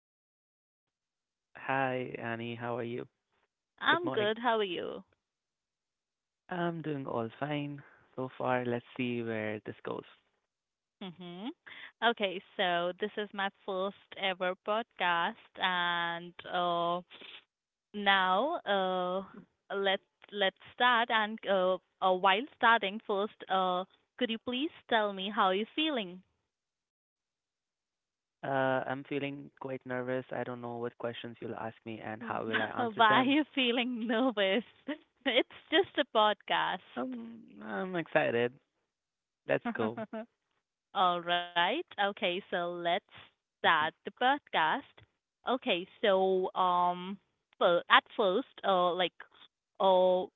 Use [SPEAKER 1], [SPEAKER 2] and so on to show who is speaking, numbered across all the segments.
[SPEAKER 1] Hi,
[SPEAKER 2] Hi, Annie. How are you?
[SPEAKER 1] I'm
[SPEAKER 2] Good
[SPEAKER 1] good. How are
[SPEAKER 2] morning.
[SPEAKER 1] you?
[SPEAKER 2] I'm doing all fine so far. Let's see where this goes.
[SPEAKER 1] Mm-hmm. Okay, so this is my first ever podcast, and now let's start. And while starting, first, could you please tell me how you're feeling?
[SPEAKER 2] I'm feeling quite nervous. I don't know what questions you'll ask me and how
[SPEAKER 1] Why
[SPEAKER 2] will I
[SPEAKER 1] are
[SPEAKER 2] answer
[SPEAKER 1] you
[SPEAKER 2] them.
[SPEAKER 1] feeling nervous? It's just a podcast.
[SPEAKER 2] I'm excited. Let's go.
[SPEAKER 1] All right. Okay, so let's start the podcast. Okay, so well, at first, like, uh,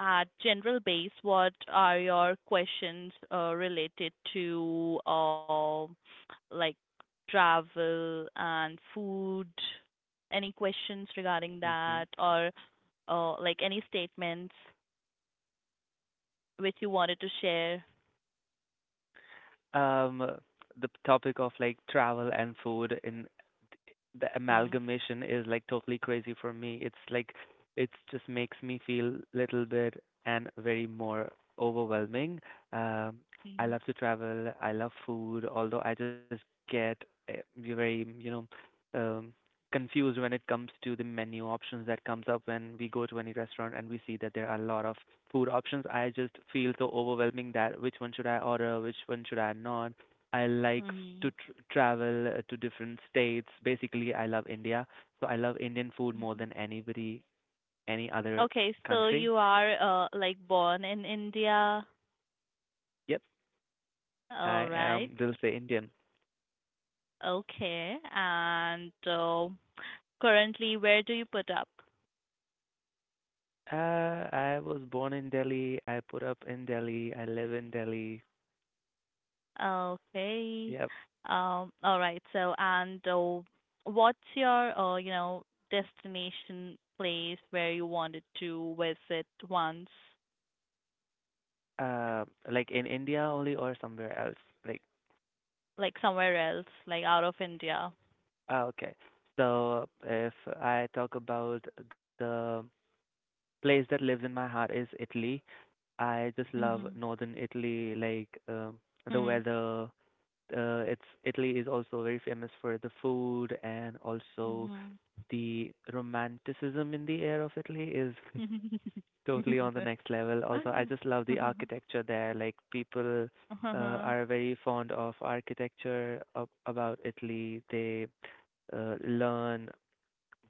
[SPEAKER 1] at general base, what are your questions related to like travel and food? Any questions regarding
[SPEAKER 2] hmm hmm
[SPEAKER 1] that, or like any statements which you wanted to share?
[SPEAKER 2] Um, the topic of like travel and food in the
[SPEAKER 1] Mm-hmm.
[SPEAKER 2] amalgamation is like totally crazy for me. It's like it just makes me feel little bit and very more overwhelming. Um, I love to travel. I love food, although I just get very, um, confused when it comes to the menu options that comes up when we go to any restaurant and we see that there are a lot of food options. I just feel so overwhelming that which one should I order, which one should I not? I like
[SPEAKER 1] Mm-hmm.
[SPEAKER 2] to travel to different states. Basically, I love India, so I love Indian food more than anybody, any other
[SPEAKER 1] Okay, so
[SPEAKER 2] country.
[SPEAKER 1] you are like born in India,
[SPEAKER 2] Yep, I
[SPEAKER 1] all right?
[SPEAKER 2] am they'll say Indian.
[SPEAKER 1] Okay, and currently where do you put up?
[SPEAKER 2] I was born in Delhi. I put up in Delhi. I live in Delhi.
[SPEAKER 1] Okay,
[SPEAKER 2] Yep.
[SPEAKER 1] all right. So, and what's your you know destination place where you wanted to visit once,
[SPEAKER 2] Uh, like in India only or somewhere else? Like,
[SPEAKER 1] like somewhere else, like out of India?
[SPEAKER 2] ah, okay. So if I talk about the place that lives in my heart is Italy. I just
[SPEAKER 1] Mhm.
[SPEAKER 2] love northern Italy, like the
[SPEAKER 1] Mhm.
[SPEAKER 2] weather. It's Italy is also very famous for the food and also
[SPEAKER 1] Mhm.
[SPEAKER 2] the romanticism in the air of Italy is totally on the
[SPEAKER 1] Mhm.
[SPEAKER 2] next level. Also, I just love the architecture there. Like people
[SPEAKER 1] Uh-huh.
[SPEAKER 2] are very fond of architecture about Italy. They learn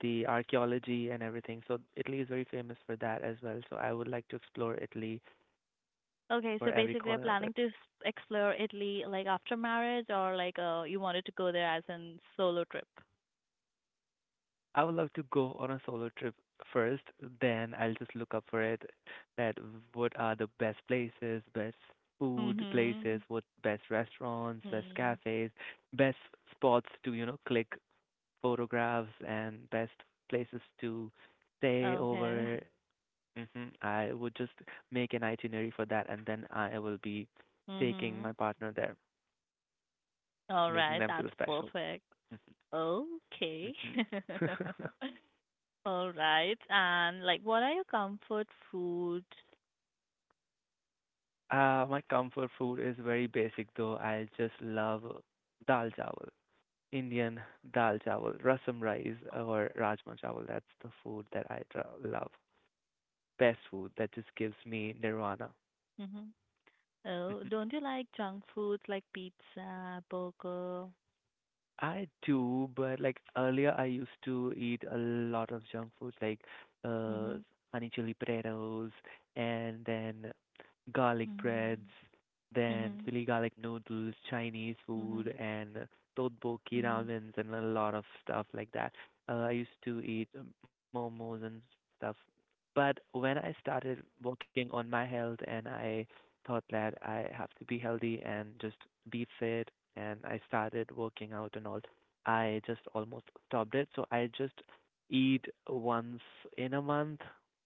[SPEAKER 2] the archaeology and everything. So Italy is very famous for that as well. So I would like to explore Italy
[SPEAKER 1] Okay,
[SPEAKER 2] for
[SPEAKER 1] so
[SPEAKER 2] every
[SPEAKER 1] basically you're
[SPEAKER 2] corner of
[SPEAKER 1] planning
[SPEAKER 2] it.
[SPEAKER 1] to explore Italy like after marriage or like you wanted to go there as in solo trip?
[SPEAKER 2] I would love to go on a solo trip first, then I'll just look up for it that what are the best places, best food places,
[SPEAKER 1] Mhm.
[SPEAKER 2] what best restaurants, best
[SPEAKER 1] Mhm.
[SPEAKER 2] cafes, best spots to, you know, click photographs and best places to stay
[SPEAKER 1] Okay.
[SPEAKER 2] over. Hmm I would just make an itinerary for that and then I will be taking my
[SPEAKER 1] Mhm.
[SPEAKER 2] partner there, making
[SPEAKER 1] All
[SPEAKER 2] them feel
[SPEAKER 1] right, that's
[SPEAKER 2] special.
[SPEAKER 1] perfect.
[SPEAKER 2] Hmm
[SPEAKER 1] Okay.
[SPEAKER 2] hmm
[SPEAKER 1] All right. And like what are your comfort foods?
[SPEAKER 2] My comfort food is very basic though. I just love dal chawal, Indian dal chawal, rasam rice or rajma chawal. That's the food that I love. Best food that just gives me nirvana.
[SPEAKER 1] Mhm. Oh, don't you like junk foods like pizza, burger?
[SPEAKER 2] I do, but like earlier, I used to eat a lot of junk food, like uh,
[SPEAKER 1] Mhm.
[SPEAKER 2] honey chili potatoes, and then garlic breads,
[SPEAKER 1] Mhm.
[SPEAKER 2] then
[SPEAKER 1] Mhm.
[SPEAKER 2] chili garlic noodles, Chinese food,
[SPEAKER 1] Mhm.
[SPEAKER 2] and tteokbokki
[SPEAKER 1] Mhm.
[SPEAKER 2] ramens, and a lot of stuff like that. I used to eat momos and stuff, but when I started working on my health, and I thought that I have to be healthy and just be fit and I started working out and all. I just almost stopped it. So I just eat once in a month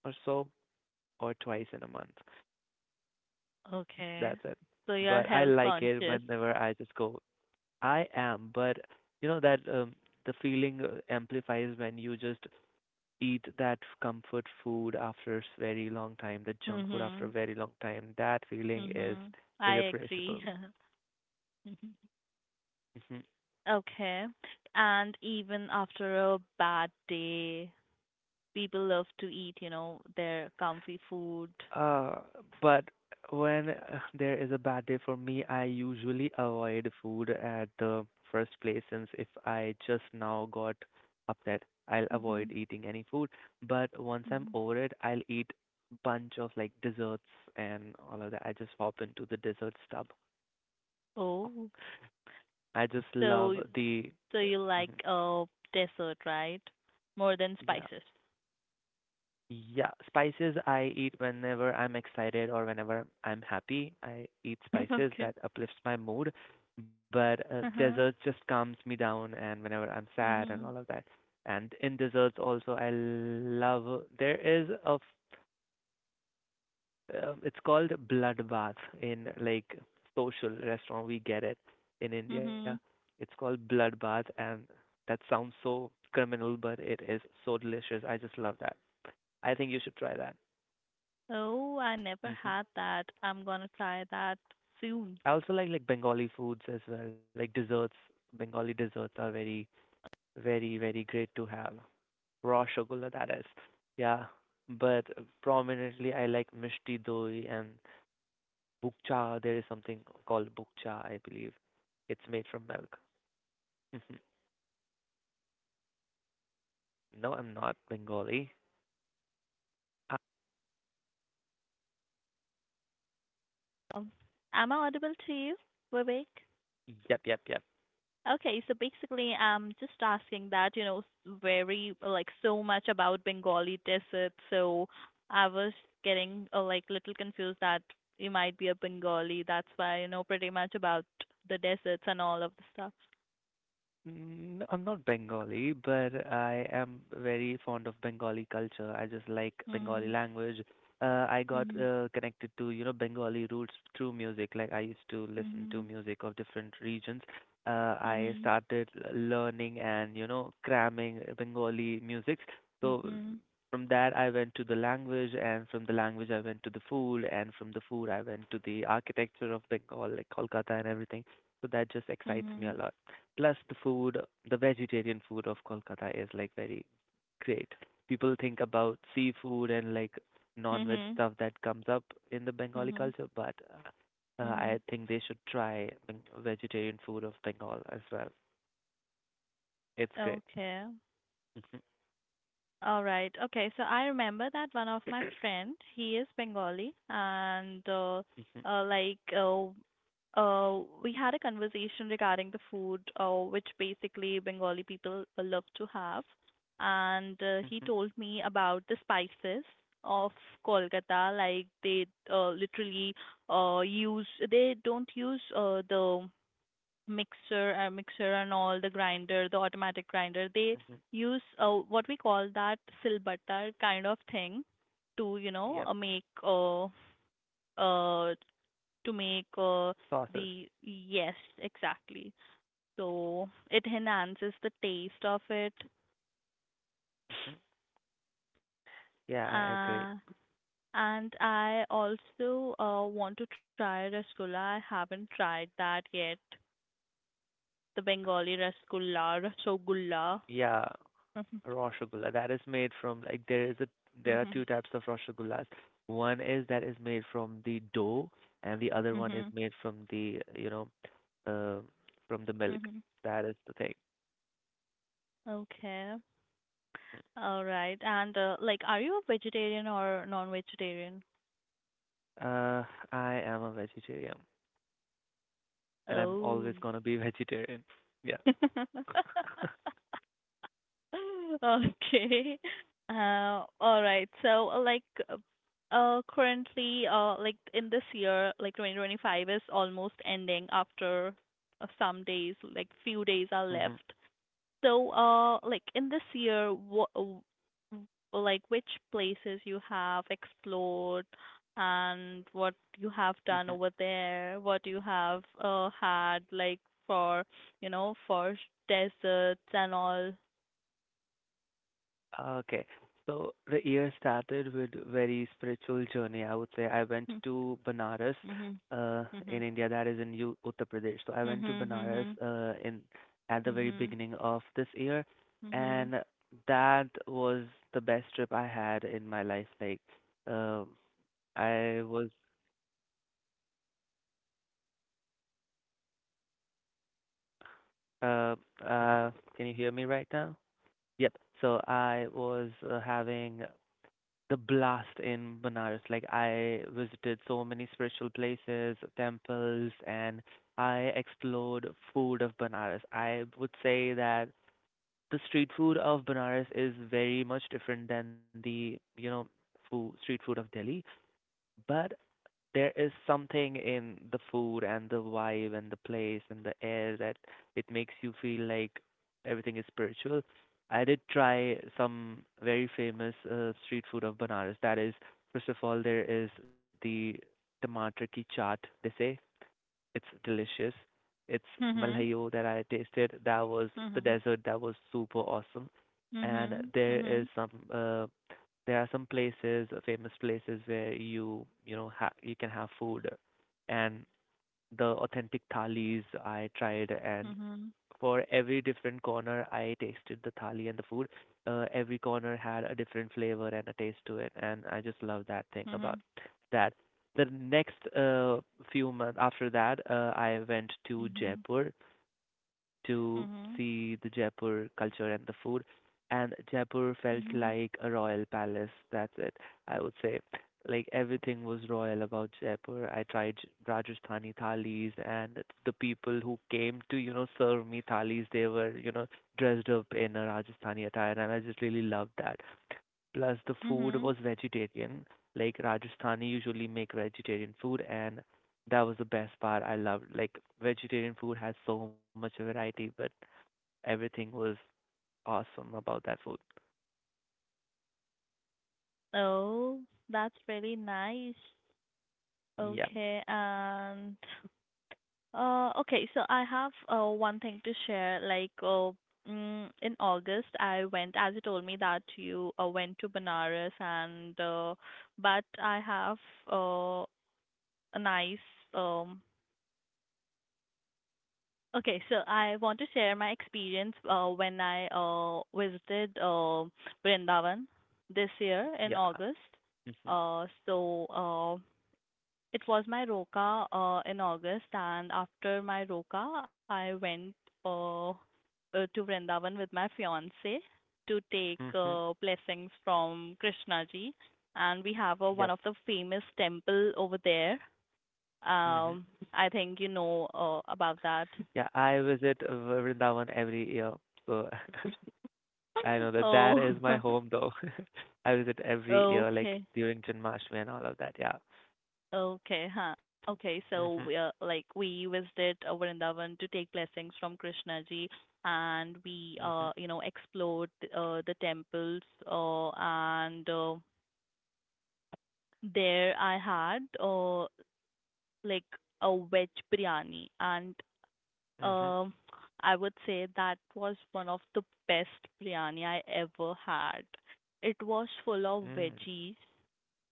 [SPEAKER 2] or so, or twice in a month. That's
[SPEAKER 1] Okay.
[SPEAKER 2] it.
[SPEAKER 1] So you are
[SPEAKER 2] But I
[SPEAKER 1] health
[SPEAKER 2] like it
[SPEAKER 1] conscious.
[SPEAKER 2] whenever I just go, I am. But you know that the feeling amplifies when you just eat that comfort food after very long time, the junk food after a
[SPEAKER 1] Mhm.
[SPEAKER 2] very long time. That feeling is
[SPEAKER 1] Mhm. I agree.
[SPEAKER 2] irrepressible.
[SPEAKER 1] Okay. And even after a bad day, people love to eat, their comfy food.
[SPEAKER 2] Uh, but when there is a bad day for me, I usually avoid food at the first place since if I just now got upset, I'll avoid
[SPEAKER 1] Mhm.
[SPEAKER 2] eating any food. But once I'm
[SPEAKER 1] Mhm.
[SPEAKER 2] over it, I'll eat bunch of like desserts and all of that. I just hop into the dessert stub.
[SPEAKER 1] Oh,
[SPEAKER 2] I just love
[SPEAKER 1] so
[SPEAKER 2] the
[SPEAKER 1] you
[SPEAKER 2] Mhm.
[SPEAKER 1] like dessert, right? More than
[SPEAKER 2] Yeah.
[SPEAKER 1] spices.
[SPEAKER 2] Yeah, spices I eat whenever I'm excited or whenever I'm happy. I eat
[SPEAKER 1] Okay.
[SPEAKER 2] spices that uplifts my mood, but
[SPEAKER 1] Uh-huh.
[SPEAKER 2] dessert just calms me down and whenever I'm sad and
[SPEAKER 1] Mhm.
[SPEAKER 2] all of that. And in desserts also I love there is a it's called bloodbath in like social restaurant we get it in India.
[SPEAKER 1] Mhm.
[SPEAKER 2] It's called bloodbath and that sounds so criminal but it is so delicious. I just love that. I think you should try that.
[SPEAKER 1] Oh, I
[SPEAKER 2] Hmm
[SPEAKER 1] never had that. I'm gonna try that
[SPEAKER 2] I
[SPEAKER 1] soon.
[SPEAKER 2] also like Bengali foods as well, like desserts. Bengali desserts are very, very, very great to have. Raw chocolate, that is. Yeah, but prominently I like mishti doi and bukcha. There is something called bukcha, I believe. It's made from milk. No, I'm not Bengali. Uh,
[SPEAKER 1] Um, Am I audible to you, Vivek?
[SPEAKER 2] yep, yep, yep.
[SPEAKER 1] Okay, so basically, I'm just asking that, very, like, so much about Bengali desert, so I was getting, like, little confused that you might be a Bengali. That's why you know pretty much about the deserts and all of the stuff.
[SPEAKER 2] Mm, I'm not Bengali, but I am very fond of Bengali culture. I just like Bengali
[SPEAKER 1] Mhm.
[SPEAKER 2] language. Uh, I got
[SPEAKER 1] Mhm.
[SPEAKER 2] uh, connected to, you know, Bengali roots through music. Like I used to listen to
[SPEAKER 1] Mhm.
[SPEAKER 2] music of different regions. I started learning and, you know, cramming Bengali music. So
[SPEAKER 1] Mhm.
[SPEAKER 2] from that, I went to the language, and from the language, I went to the food, and from the food, I went to the architecture of Bengal, like Kolkata and everything. So that just excites me a
[SPEAKER 1] Mhm.
[SPEAKER 2] lot. Plus the food, the vegetarian food of Kolkata is like very great. People think about seafood and like
[SPEAKER 1] Mhm.
[SPEAKER 2] non-veg
[SPEAKER 1] Mhm.
[SPEAKER 2] stuff that comes up in the Bengali
[SPEAKER 1] Mhm.
[SPEAKER 2] culture, but
[SPEAKER 1] Mhm.
[SPEAKER 2] I think they should try vegetarian food of Bengal as well. It's great.
[SPEAKER 1] Okay.
[SPEAKER 2] Mhm,
[SPEAKER 1] All right. Okay. So I remember that one of my friend, he is Bengali, and
[SPEAKER 2] mhm,
[SPEAKER 1] uh, like uh, we had a conversation regarding the food, which basically Bengali people love to have, and he
[SPEAKER 2] mhm,
[SPEAKER 1] told me about the spices of Kolkata. Like they literally use, they don't use the mixer and all, the grinder, the automatic grinder they
[SPEAKER 2] mhm.
[SPEAKER 1] use, what we call that silbatar kind of thing to you know
[SPEAKER 2] Yep,
[SPEAKER 1] make uh to make the,
[SPEAKER 2] sauces.
[SPEAKER 1] yes, exactly, so it enhances the taste of it.
[SPEAKER 2] Mhm. Yeah, I agree.
[SPEAKER 1] uh, and I also want to try rasgulla, I haven't tried that yet, the bengali rasgulla rasogulla.
[SPEAKER 2] Yeah. Roshogulla that is made from like there is a there are two types of rosogullas. One is that is made from the dough, and the other one is made from the you know uh, from the milk.
[SPEAKER 1] Mm-hmm.
[SPEAKER 2] That is the thing.
[SPEAKER 1] Okay. All right. And like, are you a vegetarian or non-vegetarian?
[SPEAKER 2] Uh, I am a vegetarian, and I'm
[SPEAKER 1] Oh.
[SPEAKER 2] always gonna be vegetarian. Yeah.
[SPEAKER 1] Okay. All right. So, currently, like in this year, like 2025 is almost ending after some days, like few days are
[SPEAKER 2] hmm
[SPEAKER 1] left. So, like in this year, what like which places you have explored and what you have done over there, what you have had like for, you know, for deserts and all.
[SPEAKER 2] Okay. So the year started with very spiritual journey. I would say I went to Banaras
[SPEAKER 1] Mhm.
[SPEAKER 2] in
[SPEAKER 1] Mhm.
[SPEAKER 2] India, that is in U Uttar Pradesh. So I went to Banaras
[SPEAKER 1] Mhm.
[SPEAKER 2] in at the very
[SPEAKER 1] Mhm.
[SPEAKER 2] beginning of this year,
[SPEAKER 1] Mhm.
[SPEAKER 2] and that was the best trip I had in my life. Like, um, I was uh uh, can you hear me right now? Yep. So I was having the blast in Benares. Like I visited so many spiritual places, temples, and I explored food of Benares. I would say that the street food of Benares is very much different than the, you know, street food of Delhi. But there is something in the food and the vibe and the place and the air that it makes you feel like everything is spiritual. I did try some very famous street food of Banaras. That is, first of all, there is the tomato ki chaat, they say. It's delicious. It's malhayo that I tasted. That was the
[SPEAKER 1] Mhm.
[SPEAKER 2] dessert. That was super awesome. And
[SPEAKER 1] Mhm.
[SPEAKER 2] there is
[SPEAKER 1] Mhm.
[SPEAKER 2] some There are some places, famous places where you know you can have food, and the authentic thalis I tried, and
[SPEAKER 1] Mhm.
[SPEAKER 2] for every different corner I tasted the thali and the food. Every corner had a different flavor and a taste to it, and I just love that thing
[SPEAKER 1] Mhm.
[SPEAKER 2] about that. The next few months after that, I went to
[SPEAKER 1] Mhm. Mhm.
[SPEAKER 2] Jaipur to
[SPEAKER 1] Mhm.
[SPEAKER 2] see the Jaipur culture and the food. And Jaipur felt
[SPEAKER 1] Mhm. Mhm.
[SPEAKER 2] like a royal palace. That's it. I would say, like everything was royal about Jaipur. I tried Rajasthani thalis, and the people who came to you know serve me thalis, they were you know dressed up in a Rajasthani attire, and I just really loved that. Plus the food
[SPEAKER 1] Mhm.
[SPEAKER 2] was vegetarian. Like Rajasthani usually make vegetarian food and that was the best part I loved. Like vegetarian food has so much variety, but everything was awesome about that food.
[SPEAKER 1] Oh, that's really nice.
[SPEAKER 2] Yep.
[SPEAKER 1] Okay, and okay, so I have one thing to share. In August, I went, as you told me that you went to Banaras, and but I have uh, a nice um. Okay, so I want to share my experience when I visited Vrindavan this year in August.
[SPEAKER 2] Yeah. Mhm.
[SPEAKER 1] Uh, so uh, It was my Roka in August, and after my Roka, I went uh, uh, to Vrindavan with my fiance to take
[SPEAKER 2] Mhm.
[SPEAKER 1] blessings from Krishna ji, and we have one of the
[SPEAKER 2] Yep.
[SPEAKER 1] famous temple over there. Um,
[SPEAKER 2] Mhm.
[SPEAKER 1] I think you know about that.
[SPEAKER 2] Yeah, I visit Vrindavan every year. So I know that that
[SPEAKER 1] Oh,
[SPEAKER 2] is my home though. I visit every year
[SPEAKER 1] okay.
[SPEAKER 2] like during Janmashtami and all of that. Yeah.
[SPEAKER 1] Okay, huh. Okay, so we are,
[SPEAKER 2] Mhm.
[SPEAKER 1] like we visited Vrindavan to take blessings from Krishna ji, and we you
[SPEAKER 2] Mhm.
[SPEAKER 1] know explored the temples and there I had like a veg biryani and
[SPEAKER 2] Mhm.
[SPEAKER 1] um I would say that was one of the best biryani I ever had. It was full of
[SPEAKER 2] Mm.
[SPEAKER 1] veggies,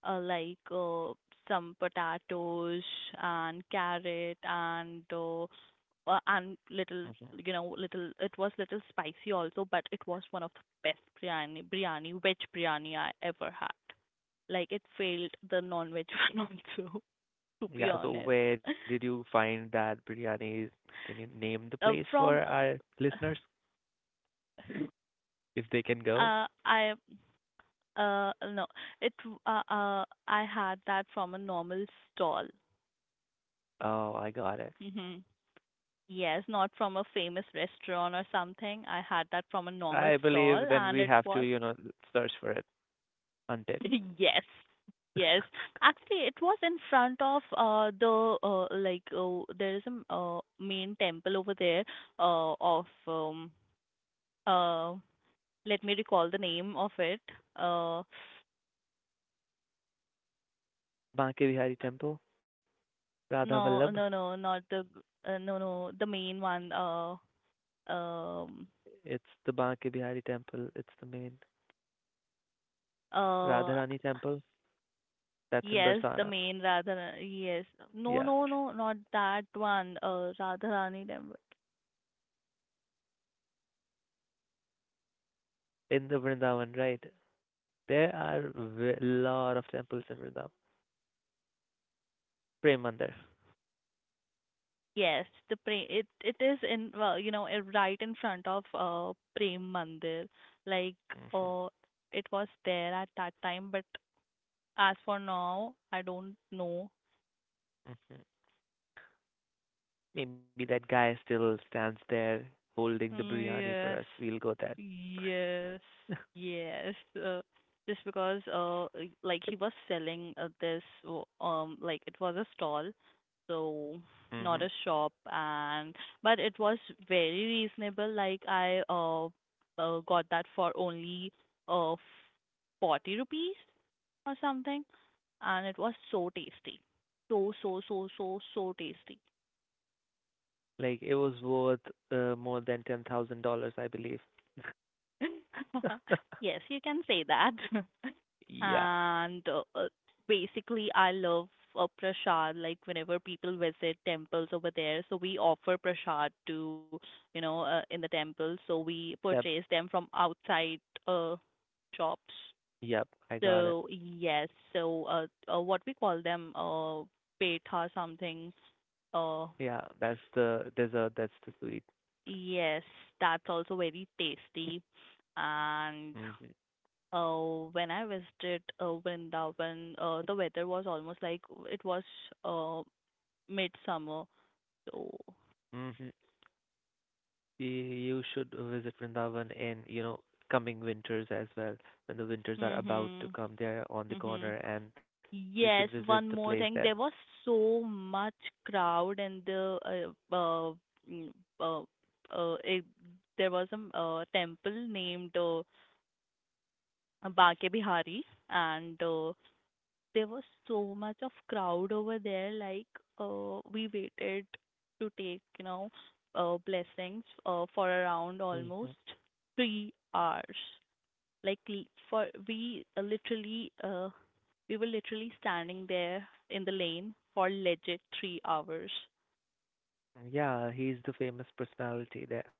[SPEAKER 1] uh, like uh, some potatoes and carrot and little,
[SPEAKER 2] Mhm.
[SPEAKER 1] you know, little, it was little spicy also, but it was one of the best biryani biryani veg biryani I ever had. Like it failed the non veg one also, to be
[SPEAKER 2] Yeah, so
[SPEAKER 1] honest.
[SPEAKER 2] where did you find that biryani? Can you name the place for
[SPEAKER 1] From
[SPEAKER 2] our listeners if they can go?
[SPEAKER 1] I no it I had that from a normal stall.
[SPEAKER 2] Oh, I got it.
[SPEAKER 1] Mhm. Yes, not from a famous restaurant or something. I had that from a normal
[SPEAKER 2] I
[SPEAKER 1] stall
[SPEAKER 2] believe then
[SPEAKER 1] and
[SPEAKER 2] we
[SPEAKER 1] it
[SPEAKER 2] have to,
[SPEAKER 1] was
[SPEAKER 2] you know, search for it, hunt it.
[SPEAKER 1] yes. Yes. Actually, it was in front of there is a main temple over there of uh let me recall the name of it. Uh
[SPEAKER 2] Banke Bihari Temple, Radha
[SPEAKER 1] no,
[SPEAKER 2] Vallabh.
[SPEAKER 1] no, no, not the no, no, the main one um
[SPEAKER 2] It's the Banke Bihari Temple. It's the main
[SPEAKER 1] uh
[SPEAKER 2] Radharani Temple. That's in
[SPEAKER 1] Yes, the
[SPEAKER 2] Barsana.
[SPEAKER 1] main Yes. No,
[SPEAKER 2] Yeah,
[SPEAKER 1] no, no, not that one. Radharani temple.
[SPEAKER 2] in the Vrindavan, right? There are a lot of temples in Vrindavan. Prem Mandir.
[SPEAKER 1] Yes, the pre it, it is in, well, you know, it right in front of Prem Mandir. Like uh it was there at that time, but as for now, I don't know.
[SPEAKER 2] Hmm Maybe that guy still stands there holding the
[SPEAKER 1] Mm,
[SPEAKER 2] biryani
[SPEAKER 1] yes.
[SPEAKER 2] for us. We'll go there.
[SPEAKER 1] Yes, yes. Just because, like he was selling like it was a stall, so not
[SPEAKER 2] Hmm
[SPEAKER 1] a shop, and but it was very reasonable. Like I got that for only, uh, 40 rupees or something, and it was so tasty, so tasty.
[SPEAKER 2] Like it was worth more than $10,000, I believe.
[SPEAKER 1] Yes, you can say that.
[SPEAKER 2] Yeah.
[SPEAKER 1] And basically, I love prasad. Like whenever people visit temples over there, so we offer prasad to, you know, in the temple. So we purchase
[SPEAKER 2] Yep.
[SPEAKER 1] them from outside uh shops.
[SPEAKER 2] Yep. I
[SPEAKER 1] So
[SPEAKER 2] got it.
[SPEAKER 1] yes, so what we call them petha something. Uh
[SPEAKER 2] Yeah. That's the dessert. That's the sweet.
[SPEAKER 1] yes, that's also very tasty. And
[SPEAKER 2] Hmm
[SPEAKER 1] uh, when I visited Vrindavan, the weather was almost like it was uh, midsummer. So,
[SPEAKER 2] hmm You should visit Vrindavan in, you know, coming winters as well, when the winters are
[SPEAKER 1] hmm
[SPEAKER 2] about to come. They're on the
[SPEAKER 1] hmm
[SPEAKER 2] corner, and you should
[SPEAKER 1] Yes,
[SPEAKER 2] visit
[SPEAKER 1] one
[SPEAKER 2] the
[SPEAKER 1] more
[SPEAKER 2] place
[SPEAKER 1] thing.
[SPEAKER 2] there.
[SPEAKER 1] There was so much crowd and the mm, uh, uh, it, there was a temple named Banke Bihari, and there was so much of crowd over there, like we waited to take you know blessings for around
[SPEAKER 2] Hmm
[SPEAKER 1] almost 3 hours, like l- for we literally we were literally standing there in the lane for legit 3 hours.
[SPEAKER 2] Yeah, he's the famous personality there.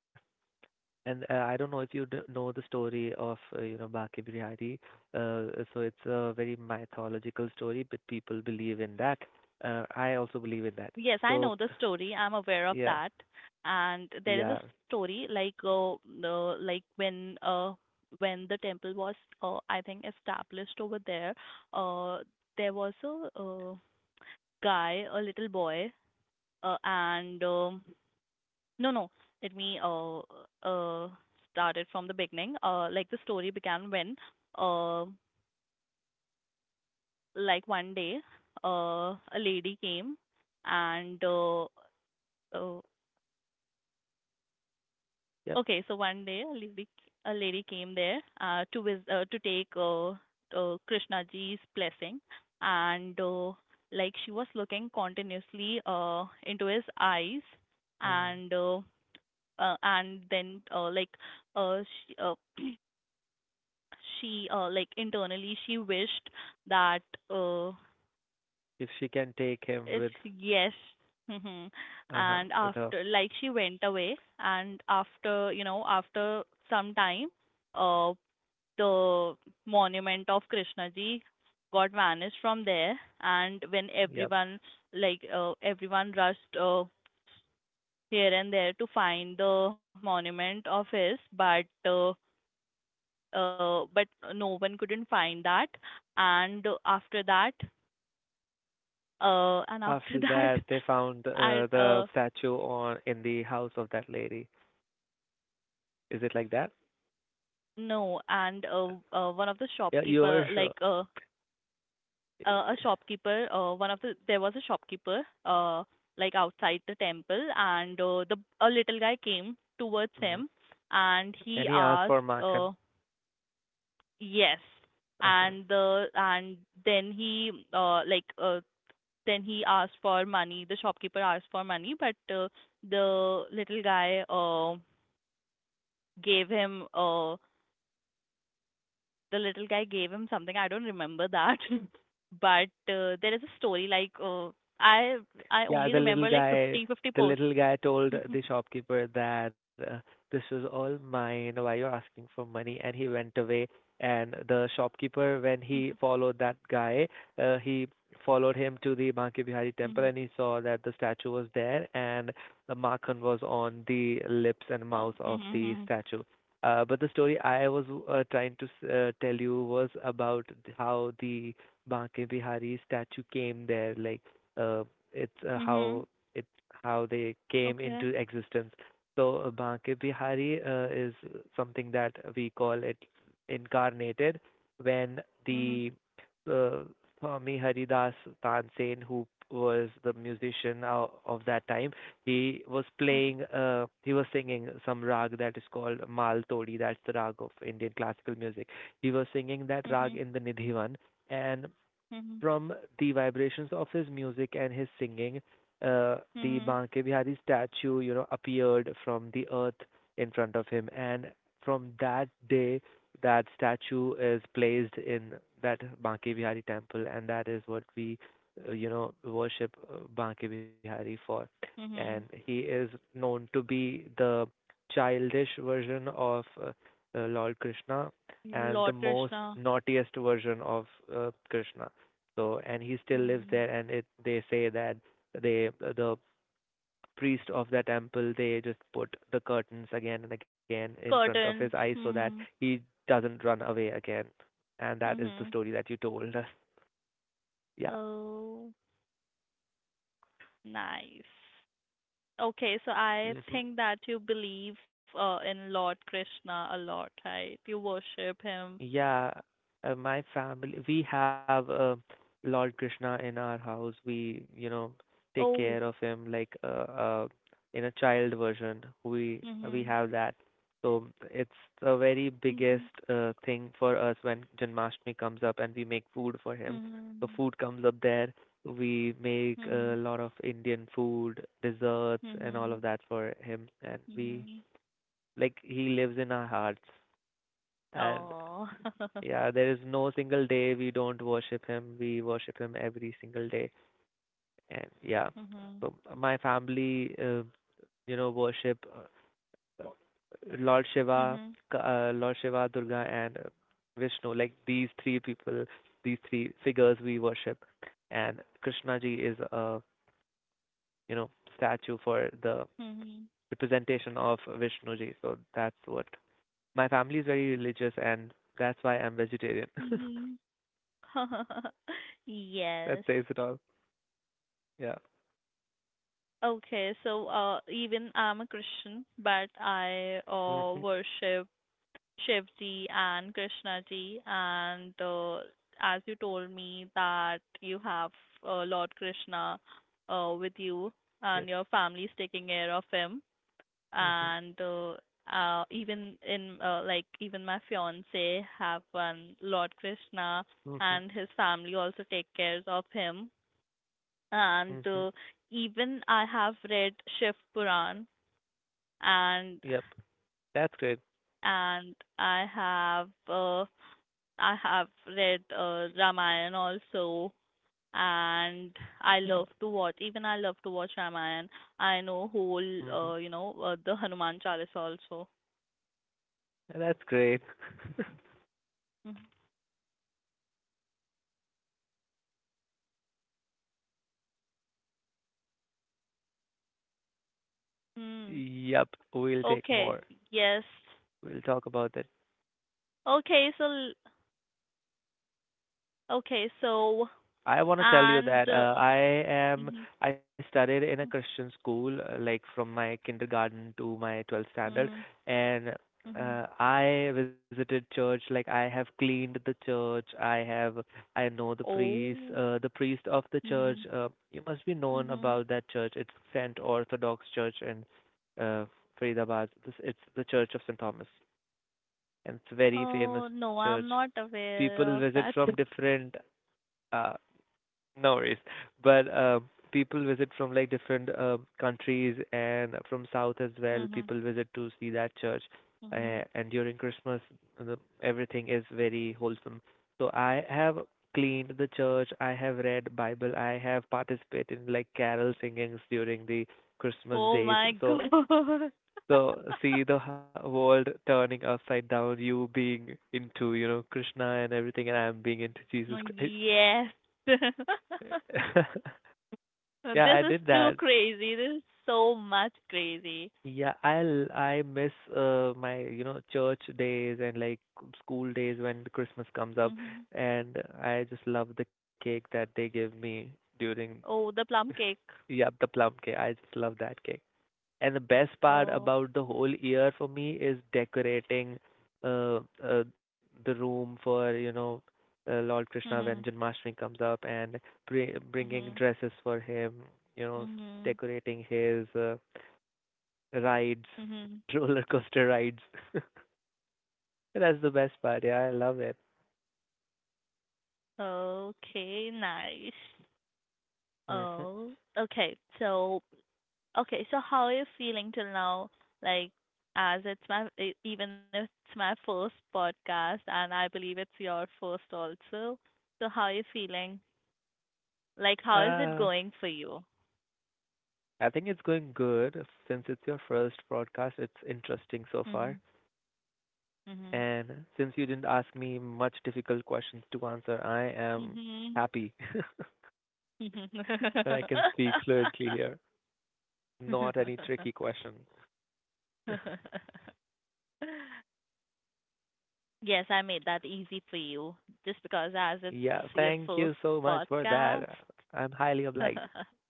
[SPEAKER 2] And I don't know if you d know the story of, you know, Baki Bihari. So it's a very mythological story, but people believe in that. I also believe in that.
[SPEAKER 1] Yes, I
[SPEAKER 2] So,
[SPEAKER 1] know the story. I'm aware
[SPEAKER 2] yeah,
[SPEAKER 1] of that. And
[SPEAKER 2] yeah,
[SPEAKER 1] there is a story like, the like when the temple was I think established over there, uh there was a guy, a little boy, and no no, let me uh start it from the beginning. The story began when uh one day a lady came and uh
[SPEAKER 2] yep.
[SPEAKER 1] Okay, so one day a lady came there to take Krishnaji's blessing, and like she was looking continuously into his eyes,
[SPEAKER 2] Mm.
[SPEAKER 1] and uh, and then like uh, she she like internally she wished that uh,
[SPEAKER 2] If she can take him
[SPEAKER 1] if
[SPEAKER 2] with,
[SPEAKER 1] yes. Mhm.
[SPEAKER 2] uh-huh,
[SPEAKER 1] And
[SPEAKER 2] with her,
[SPEAKER 1] after, like she went away, and after you know after some time uh the monument of Krishnaji got vanished from there, and when
[SPEAKER 2] yep.
[SPEAKER 1] everyone, like everyone rushed here and there to find the monument of his, but no one couldn't find that, and after that and after
[SPEAKER 2] After that,
[SPEAKER 1] that,
[SPEAKER 2] they found
[SPEAKER 1] and
[SPEAKER 2] the statue on in the house of that lady. Is it like that?
[SPEAKER 1] no and one of the
[SPEAKER 2] Yeah,
[SPEAKER 1] shopkeeper,
[SPEAKER 2] you're sure.
[SPEAKER 1] a shopkeeper, one of the there was a shopkeeper like outside the temple, and the a little guy came towards
[SPEAKER 2] hmm
[SPEAKER 1] him, and he
[SPEAKER 2] And he asked for
[SPEAKER 1] asked
[SPEAKER 2] Makan.
[SPEAKER 1] yes, and then he then he asked for money, the shopkeeper asked for money, but the little guy gave him the little guy gave him something. I don't remember that, but there is a story like I I
[SPEAKER 2] Yeah,
[SPEAKER 1] only remember like 50 50
[SPEAKER 2] the
[SPEAKER 1] posts.
[SPEAKER 2] little guy told the shopkeeper that this is all mine. Why you're asking for money? And he went away. And the shopkeeper, when he followed that guy, he followed him to the Banke Bihari temple, and he saw that the statue was there, and the Makhan was on the lips and
[SPEAKER 1] Oh.
[SPEAKER 2] mouth of the
[SPEAKER 1] Mhm.
[SPEAKER 2] statue. But the story I was trying to tell you was about how the Banke Bihari statue came there, like uh, it's how
[SPEAKER 1] Mhm.
[SPEAKER 2] it how they came
[SPEAKER 1] Okay.
[SPEAKER 2] into existence. So Banke Bihari is something that we call it incarnated when
[SPEAKER 1] Mhm.
[SPEAKER 2] the uh, Swami Haridas Tansen, who was the musician of that time, he was
[SPEAKER 1] Mhm.
[SPEAKER 2] playing, he was singing some rag that is called Mal Todi, that's the rag of Indian classical music. He was singing that rag
[SPEAKER 1] Mhm.
[SPEAKER 2] in the Nidhivan, and
[SPEAKER 1] Mhm.
[SPEAKER 2] from the vibrations of his music and his singing, uh, the
[SPEAKER 1] Mhm.
[SPEAKER 2] Banke Bihari statue, you know, appeared from the earth in front of him, and from that day, that statue is placed in that Banke Bihari temple, and that is what we, you know, worship Banke Bihari for. And he
[SPEAKER 1] Mhm.
[SPEAKER 2] is known to be the childish version of Lord Krishna and the
[SPEAKER 1] Lord
[SPEAKER 2] most
[SPEAKER 1] Krishna.
[SPEAKER 2] naughtiest version of Krishna. So, and he still lives there,
[SPEAKER 1] Mhm.
[SPEAKER 2] and it they say that the priest of the temple they just put the curtains again and again in front of his eyes
[SPEAKER 1] Curtains.
[SPEAKER 2] so that
[SPEAKER 1] Mhm.
[SPEAKER 2] he doesn't run away again. And that is the
[SPEAKER 1] Mhm.
[SPEAKER 2] story that you told us. Yeah.
[SPEAKER 1] Oh, nice. Okay, so I
[SPEAKER 2] hmm
[SPEAKER 1] think that you believe in Lord Krishna a lot, right? You worship him.
[SPEAKER 2] Yeah, my family, we have Lord Krishna in our house. We, you know, take
[SPEAKER 1] Oh.
[SPEAKER 2] care of him like in a child version. We
[SPEAKER 1] Mhm.
[SPEAKER 2] have that. So it's the very
[SPEAKER 1] Mhm.
[SPEAKER 2] biggest thing for us when Janmashtami comes up and we make food for him. So
[SPEAKER 1] Mhm.
[SPEAKER 2] food comes up there. We make a
[SPEAKER 1] Mhm.
[SPEAKER 2] lot of Indian food, desserts, and all of
[SPEAKER 1] Mhm.
[SPEAKER 2] that for him. And we
[SPEAKER 1] Mhm.
[SPEAKER 2] like he lives in our hearts. And
[SPEAKER 1] Oh.
[SPEAKER 2] yeah, there is no single day we don't worship him. We worship him every single day. And yeah,
[SPEAKER 1] Mhm.
[SPEAKER 2] so my family, you know, worship uh, Lord Shiva,
[SPEAKER 1] Mhm.
[SPEAKER 2] Lord Shiva, Durga, and Vishnu. Like these three people, these three figures we worship. And Krishna ji is a, you know, statue for the
[SPEAKER 1] Mhm.
[SPEAKER 2] representation of Vishnu ji. So that's what my family is very religious, and that's why I'm vegetarian.
[SPEAKER 1] Mhm.
[SPEAKER 2] That
[SPEAKER 1] Yes.
[SPEAKER 2] says it all. Yeah.
[SPEAKER 1] Okay, so even I'm a Christian, but I
[SPEAKER 2] Mm-hmm.
[SPEAKER 1] worship Shivji and Krishnaji, and as you told me that you have Lord Krishna with you, and
[SPEAKER 2] Yes.
[SPEAKER 1] your family is taking care of him,
[SPEAKER 2] Mm-hmm.
[SPEAKER 1] and even in even my fiance have one Lord Krishna,
[SPEAKER 2] Mm-hmm.
[SPEAKER 1] and his family also take cares of him,
[SPEAKER 2] Mm-hmm.
[SPEAKER 1] and even I have read Shiv Puran,
[SPEAKER 2] Yep.
[SPEAKER 1] and
[SPEAKER 2] That's good.
[SPEAKER 1] and I have. I have read Ramayana also, and I love to watch. Even I love to watch Ramayana. I know whole,
[SPEAKER 2] Mm-hmm.
[SPEAKER 1] the Hanuman Chalisa also.
[SPEAKER 2] That's great.
[SPEAKER 1] Mm-hmm. Hmm.
[SPEAKER 2] Yep. We'll take
[SPEAKER 1] Okay.
[SPEAKER 2] more.
[SPEAKER 1] Yes.
[SPEAKER 2] We'll talk about this.
[SPEAKER 1] Okay. So. Okay. So.
[SPEAKER 2] I want to tell you
[SPEAKER 1] And.
[SPEAKER 2] that I am
[SPEAKER 1] Mhm.
[SPEAKER 2] I studied in a Christian school like from my kindergarten to my 12th standard
[SPEAKER 1] Mhm.
[SPEAKER 2] and
[SPEAKER 1] Mhm.
[SPEAKER 2] I visited church like I have cleaned the church I know
[SPEAKER 1] Oh.
[SPEAKER 2] the priest of the church
[SPEAKER 1] Mhm.
[SPEAKER 2] you must be known
[SPEAKER 1] Mhm.
[SPEAKER 2] about that church, it's Saint Orthodox Church in uh, Faridabad, this it's the Church of Saint Thomas and it's a very
[SPEAKER 1] Oh
[SPEAKER 2] famous
[SPEAKER 1] no,
[SPEAKER 2] church
[SPEAKER 1] I'm not aware
[SPEAKER 2] people
[SPEAKER 1] of
[SPEAKER 2] visit
[SPEAKER 1] that.
[SPEAKER 2] from different uh, no worries. But people visit from like different countries and from south as well.
[SPEAKER 1] Mhm.
[SPEAKER 2] People visit to see that church,
[SPEAKER 1] Mhm.
[SPEAKER 2] and during Christmas, the, everything is very wholesome. So I have cleaned the church. I have read Bible. I have participated in like carol singings during the Christmas
[SPEAKER 1] Oh
[SPEAKER 2] days.
[SPEAKER 1] my God.
[SPEAKER 2] So so see the world turning upside down. You being into you know Krishna and everything, and I'm being into Jesus Christ.
[SPEAKER 1] Yes.
[SPEAKER 2] Yeah,
[SPEAKER 1] This
[SPEAKER 2] I
[SPEAKER 1] is
[SPEAKER 2] did
[SPEAKER 1] too
[SPEAKER 2] that.
[SPEAKER 1] crazy. This is so much crazy.
[SPEAKER 2] Yeah, I miss my you know church days and like school days when the Christmas comes up,
[SPEAKER 1] Hmm.
[SPEAKER 2] and I just love the cake that they give me during
[SPEAKER 1] Oh, the plum cake.
[SPEAKER 2] Yeah, the plum cake. I just love that cake. And the best part
[SPEAKER 1] Oh.
[SPEAKER 2] about the whole year for me is decorating uh, uh the room for, you know, Lord Krishna when
[SPEAKER 1] Hmm.
[SPEAKER 2] Janmashtami comes up and br bringing
[SPEAKER 1] Hmm.
[SPEAKER 2] dresses for him, you know,
[SPEAKER 1] Hmm.
[SPEAKER 2] decorating his rides,
[SPEAKER 1] Hmm.
[SPEAKER 2] roller coaster rides. That's the best part. Yeah, I love it.
[SPEAKER 1] Okay, nice.
[SPEAKER 2] hmm
[SPEAKER 1] Oh, okay. Okay, so how are you feeling till now? Like, as it's my, even if it's my first podcast, and I believe it's your first also. So how are you feeling? Like, how is it
[SPEAKER 2] Uh,
[SPEAKER 1] going for you?
[SPEAKER 2] I think it's going good since it's your first broadcast. It's interesting so far.
[SPEAKER 1] Mhm. Mhm.
[SPEAKER 2] And since you didn't ask me much difficult questions to answer, I am happy
[SPEAKER 1] Mhm.
[SPEAKER 2] that I can speak fluently here. Not any tricky question.
[SPEAKER 1] Yes, I made that easy for you, just because as it's
[SPEAKER 2] Yeah,
[SPEAKER 1] your
[SPEAKER 2] thank
[SPEAKER 1] first
[SPEAKER 2] you so much for
[SPEAKER 1] podcast.
[SPEAKER 2] that. I'm highly obliged.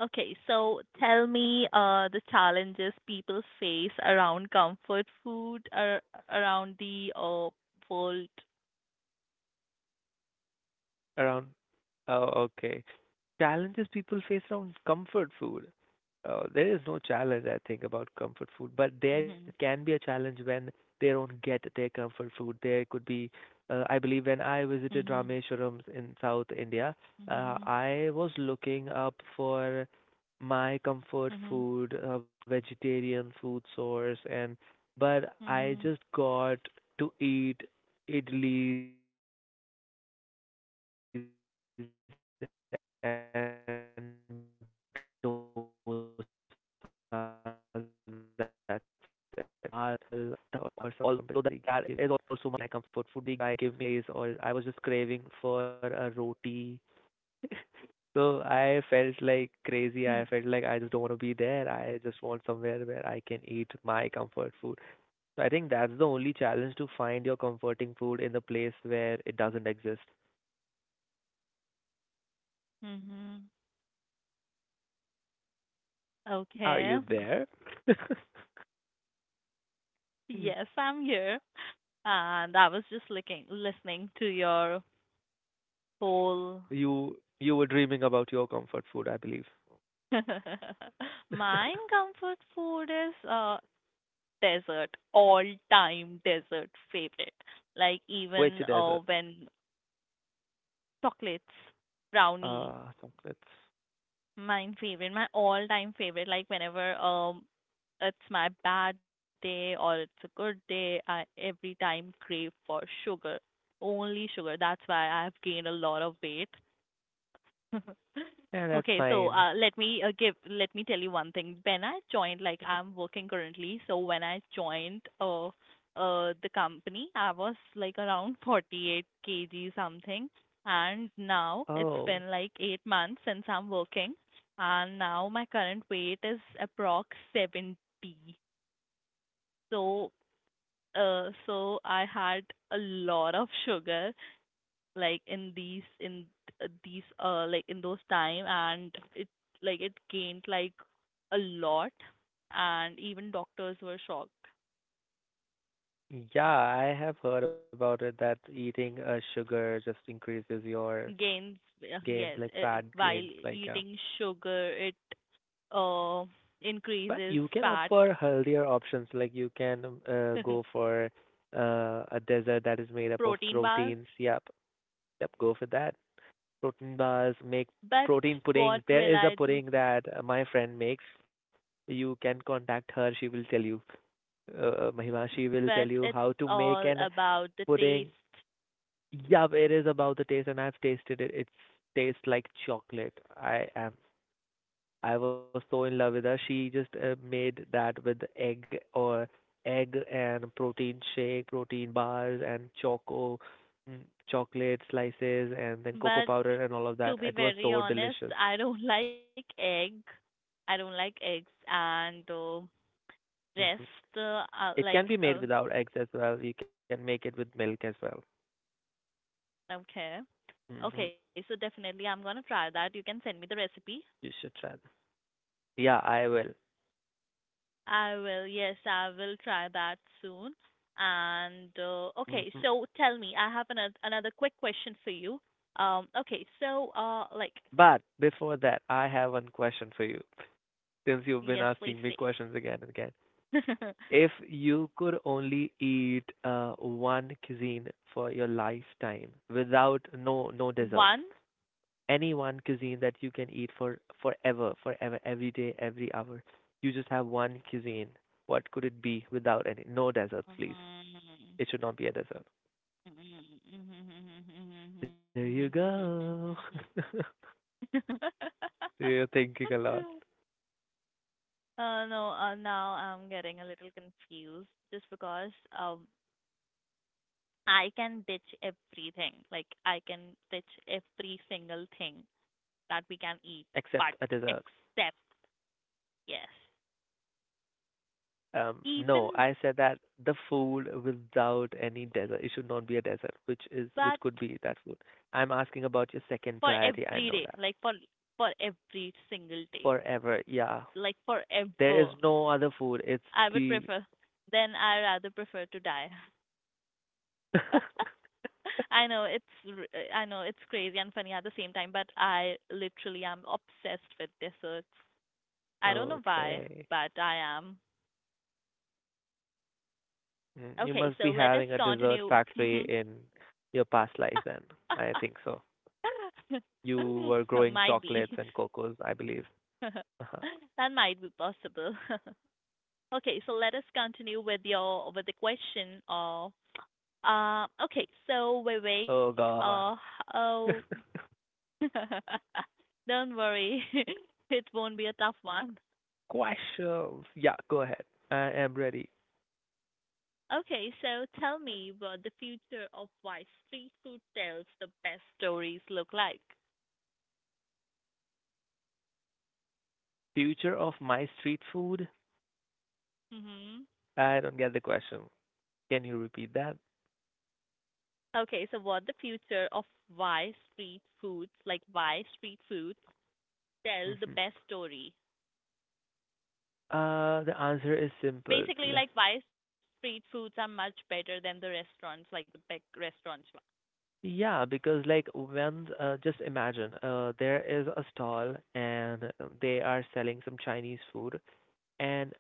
[SPEAKER 1] Okay, so tell me the challenges people face around comfort food, around the world.
[SPEAKER 2] Around, oh, okay. Challenges people face around comfort food. There is no challenge, I think, about comfort food, but there
[SPEAKER 1] Mm-hmm.
[SPEAKER 2] can be a challenge when they don't get their comfort food. There could be, I believe, when I visited
[SPEAKER 1] Mm-hmm.
[SPEAKER 2] Rameswaram in South India,
[SPEAKER 1] Mm-hmm.
[SPEAKER 2] I was looking up for my comfort
[SPEAKER 1] Mm-hmm.
[SPEAKER 2] food, a vegetarian food source, and but I
[SPEAKER 1] Mm-hmm.
[SPEAKER 2] just got to eat idlis and dosas. That's it, although that is also my comfort food, but I was so done with that that I was like, somebody give me dal or somebody give me chawal or something like that. Dal or rice or I was just craving for a roti. So I felt like crazy. I felt like I just don't want to be there. I just want somewhere where I can eat my comfort food. So I think that's the only challenge to find your comforting food in the place where it doesn't exist.
[SPEAKER 1] Mm-hmm.
[SPEAKER 2] Are
[SPEAKER 1] Okay.
[SPEAKER 2] you there?
[SPEAKER 1] Yes, I'm here. And I was just listening to your whole.
[SPEAKER 2] You were dreaming about your comfort food, I believe.
[SPEAKER 1] Mine comfort food is desert, all time desert favorite. Like
[SPEAKER 2] Which
[SPEAKER 1] even
[SPEAKER 2] desert?
[SPEAKER 1] when Chocolates, brownie,
[SPEAKER 2] Chocolates.
[SPEAKER 1] my favorite, my all-time favorite. Like whenever it's my bad day or it's a good day, I every time crave for sugar, only sugar. That's why I've gained a lot of weight.
[SPEAKER 2] Yeah, that's
[SPEAKER 1] Okay, so
[SPEAKER 2] mine.
[SPEAKER 1] let me give let me tell you one thing. When I joined, like I'm working currently, so when I joined the company, I was like around 48 kg something, and now it's
[SPEAKER 2] Oh,
[SPEAKER 1] been like 8 months since I'm working, and now my current weight is approx 70. So, so I had a lot of sugar like in these like in those time, and it like it gained like a lot, and even doctors were shocked.
[SPEAKER 2] yeah, I have heard about it that eating a sugar just increases your
[SPEAKER 1] Gains
[SPEAKER 2] gains,
[SPEAKER 1] yes,
[SPEAKER 2] like fat
[SPEAKER 1] while
[SPEAKER 2] gains, like yeah.
[SPEAKER 1] eating sugar, it uh
[SPEAKER 2] But
[SPEAKER 1] increases
[SPEAKER 2] you can opt
[SPEAKER 1] fat.
[SPEAKER 2] for healthier options, like you can go for a dessert that is made up of
[SPEAKER 1] Protein bar.
[SPEAKER 2] proteins. Yep, yep, go for that. Protein bars, make
[SPEAKER 1] But
[SPEAKER 2] protein puddings.
[SPEAKER 1] what
[SPEAKER 2] There
[SPEAKER 1] will
[SPEAKER 2] is a
[SPEAKER 1] I do?
[SPEAKER 2] pudding that my friend makes. You can contact her. She will tell you, Mahima. She will tell
[SPEAKER 1] But
[SPEAKER 2] you
[SPEAKER 1] it's
[SPEAKER 2] how to make
[SPEAKER 1] all
[SPEAKER 2] an
[SPEAKER 1] about the taste.
[SPEAKER 2] pudding. Yeah, it is about the taste, and I've tasted it. It tastes like chocolate. I am. I was so in love with her. She just made that with egg or egg and protein shake, protein bars, and mm, chocolate slices, and then cocoa
[SPEAKER 1] But
[SPEAKER 2] powder and all of
[SPEAKER 1] to
[SPEAKER 2] that.
[SPEAKER 1] be
[SPEAKER 2] It was
[SPEAKER 1] very
[SPEAKER 2] so
[SPEAKER 1] honest,
[SPEAKER 2] delicious.
[SPEAKER 1] I don't like egg. I don't like eggs and
[SPEAKER 2] Mhm.
[SPEAKER 1] rest. Uh,
[SPEAKER 2] It can
[SPEAKER 1] like,
[SPEAKER 2] be made without eggs as well. You can make it with milk as well.
[SPEAKER 1] okay,
[SPEAKER 2] hmm
[SPEAKER 1] okay. So definitely, I'm gonna try that. You can send me the recipe.
[SPEAKER 2] You should try that. Yeah, I will.
[SPEAKER 1] I will. Yes, I will try that soon. And okay,
[SPEAKER 2] hmm
[SPEAKER 1] so tell me, I have another quick question for you. Okay, so like,
[SPEAKER 2] But before that, I have one question for you. Since you've been
[SPEAKER 1] yes,
[SPEAKER 2] asking me
[SPEAKER 1] please say.
[SPEAKER 2] questions again and again, if you could only eat one cuisine for your lifetime without no desserts,
[SPEAKER 1] One.
[SPEAKER 2] any one cuisine that you can eat for forever, forever, every day, every hour, you just have one cuisine. What could it be without any no desserts, please?
[SPEAKER 1] Mm.
[SPEAKER 2] It should not be a dessert. There you go. You're thinking a lot.
[SPEAKER 1] No, now I'm getting a little confused, just because um I can ditch everything. Like, I can ditch every single thing that we can eat, but
[SPEAKER 2] Except a dessert.
[SPEAKER 1] except, yes,
[SPEAKER 2] No,
[SPEAKER 1] even
[SPEAKER 2] I said that the food without any dessert. It should not be a dessert, which is
[SPEAKER 1] but
[SPEAKER 2] which could be that food. I'm asking about your second
[SPEAKER 1] for
[SPEAKER 2] priority. I
[SPEAKER 1] every
[SPEAKER 2] know
[SPEAKER 1] day, like
[SPEAKER 2] that.
[SPEAKER 1] for every single day,
[SPEAKER 2] Forever, yeah.
[SPEAKER 1] like
[SPEAKER 2] There is
[SPEAKER 1] forever.
[SPEAKER 2] no other food. It's
[SPEAKER 1] I would
[SPEAKER 2] the.
[SPEAKER 1] prefer. Then I rather prefer to die. I know it's crazy and funny at the same time, but I literally am obsessed with desserts. I don't know why, but
[SPEAKER 2] Okay.
[SPEAKER 1] I am.
[SPEAKER 2] Mm, you
[SPEAKER 1] Okay,
[SPEAKER 2] must
[SPEAKER 1] so
[SPEAKER 2] be
[SPEAKER 1] let us
[SPEAKER 2] having a dessert
[SPEAKER 1] continue.
[SPEAKER 2] factory
[SPEAKER 1] Mhm.
[SPEAKER 2] in your past life then. I think so. You were
[SPEAKER 1] Might
[SPEAKER 2] growing
[SPEAKER 1] be.
[SPEAKER 2] chocolates and cocos, I believe. Uh-huh.
[SPEAKER 1] That might be possible. Okay, so let us continue with your with the question of, okay, so Vivek,
[SPEAKER 2] Oh God.
[SPEAKER 1] oh. Don't worry. It won't be a tough one.
[SPEAKER 2] Questions. Yeah, go ahead. I am ready.
[SPEAKER 1] Okay, so tell me what the future of why street food tells the best stories look like.
[SPEAKER 2] Future of my street food?
[SPEAKER 1] Hmm.
[SPEAKER 2] I don't get the question. Can you repeat that?
[SPEAKER 1] Okay, so what the future of why street foods, like why street foods tell the
[SPEAKER 2] hmm
[SPEAKER 1] best story.
[SPEAKER 2] The answer is simple.
[SPEAKER 1] Basically,
[SPEAKER 2] Like,
[SPEAKER 1] like why street foods are much better than the restaurants, like the big restaurants.
[SPEAKER 2] yeah, because like when just imagine there is a stall and they are selling some Chinese food and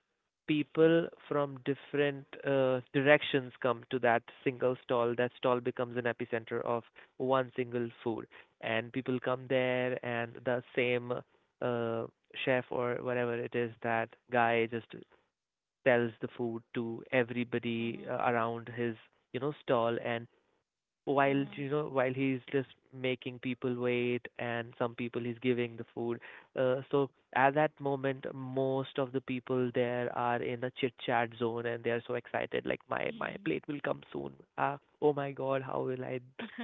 [SPEAKER 2] people from different directions come to that single stall. That stall becomes an epicenter of one single food, and people come there, and the same uh, chef or whatever it is, that guy just sells the food to everybody
[SPEAKER 1] Mm-hmm.
[SPEAKER 2] around his you know stall, and while
[SPEAKER 1] Mm-hmm.
[SPEAKER 2] you know while he's just making people wait and some people he's giving the food, so at that moment most of the people there are in a chit chat zone and they are so excited like my
[SPEAKER 1] Mm-hmm.
[SPEAKER 2] plate will come soon. Ah, oh my god,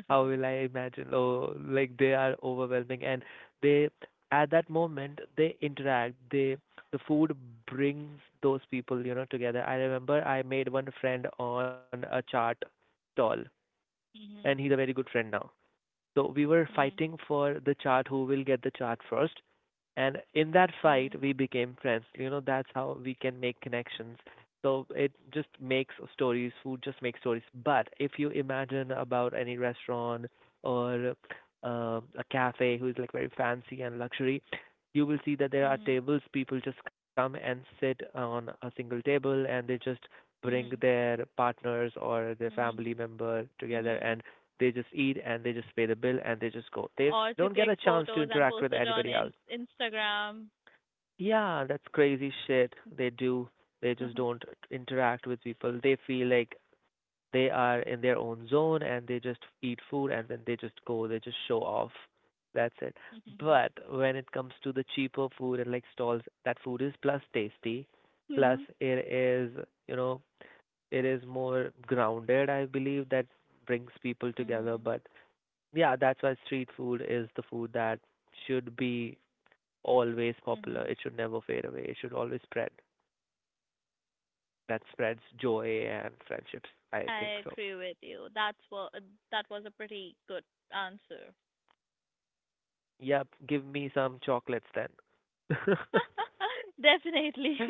[SPEAKER 2] how will I imagine, oh like they are overwhelming and they at that moment they interact they the food brings those people you know together. I remember I made one friend on a chart stall and he's a
[SPEAKER 1] Mm-hmm.
[SPEAKER 2] very good friend now. So we were
[SPEAKER 1] Mm-hmm.
[SPEAKER 2] fighting for the chart, who will get the chart first. And in that fight,
[SPEAKER 1] Mm-hmm.
[SPEAKER 2] we became friends. You know, that's how we can make connections. So it just makes stories, food just makes stories. But if you imagine about any restaurant or a cafe who is like very fancy and luxury, you will see that there are
[SPEAKER 1] Mm-hmm.
[SPEAKER 2] tables. People just come and sit on a single table and they just bring
[SPEAKER 1] Mm-hmm.
[SPEAKER 2] their partners or their
[SPEAKER 1] Mm-hmm.
[SPEAKER 2] family member together
[SPEAKER 1] Mm-hmm.
[SPEAKER 2] and they just eat and they just pay the bill and they just go. They don't
[SPEAKER 1] Or
[SPEAKER 2] get
[SPEAKER 1] to
[SPEAKER 2] a
[SPEAKER 1] click
[SPEAKER 2] chance to
[SPEAKER 1] photos
[SPEAKER 2] interact
[SPEAKER 1] and
[SPEAKER 2] with
[SPEAKER 1] post it
[SPEAKER 2] anybody
[SPEAKER 1] on
[SPEAKER 2] else.
[SPEAKER 1] Instagram.
[SPEAKER 2] Yeah, that's crazy shit they do. They just don't interact with people. They feel like they are in their own zone and they just eat food and then they just go. They just show off. That's it.
[SPEAKER 1] Mhm.
[SPEAKER 2] But when it comes to the cheaper food and like stalls, that food is plus tasty,
[SPEAKER 1] Mhm.
[SPEAKER 2] plus you know, it is more grounded, I believe, that brings people together. But Yeah, that's why street food is the food that should be always popular.
[SPEAKER 1] Mhm.
[SPEAKER 2] It should never fade away. It should always spread. That spreads joy and friendships. I think
[SPEAKER 1] I
[SPEAKER 2] so.
[SPEAKER 1] agree with you. That was a pretty good answer.
[SPEAKER 2] Yep, give me some chocolates then.
[SPEAKER 1] Definitely.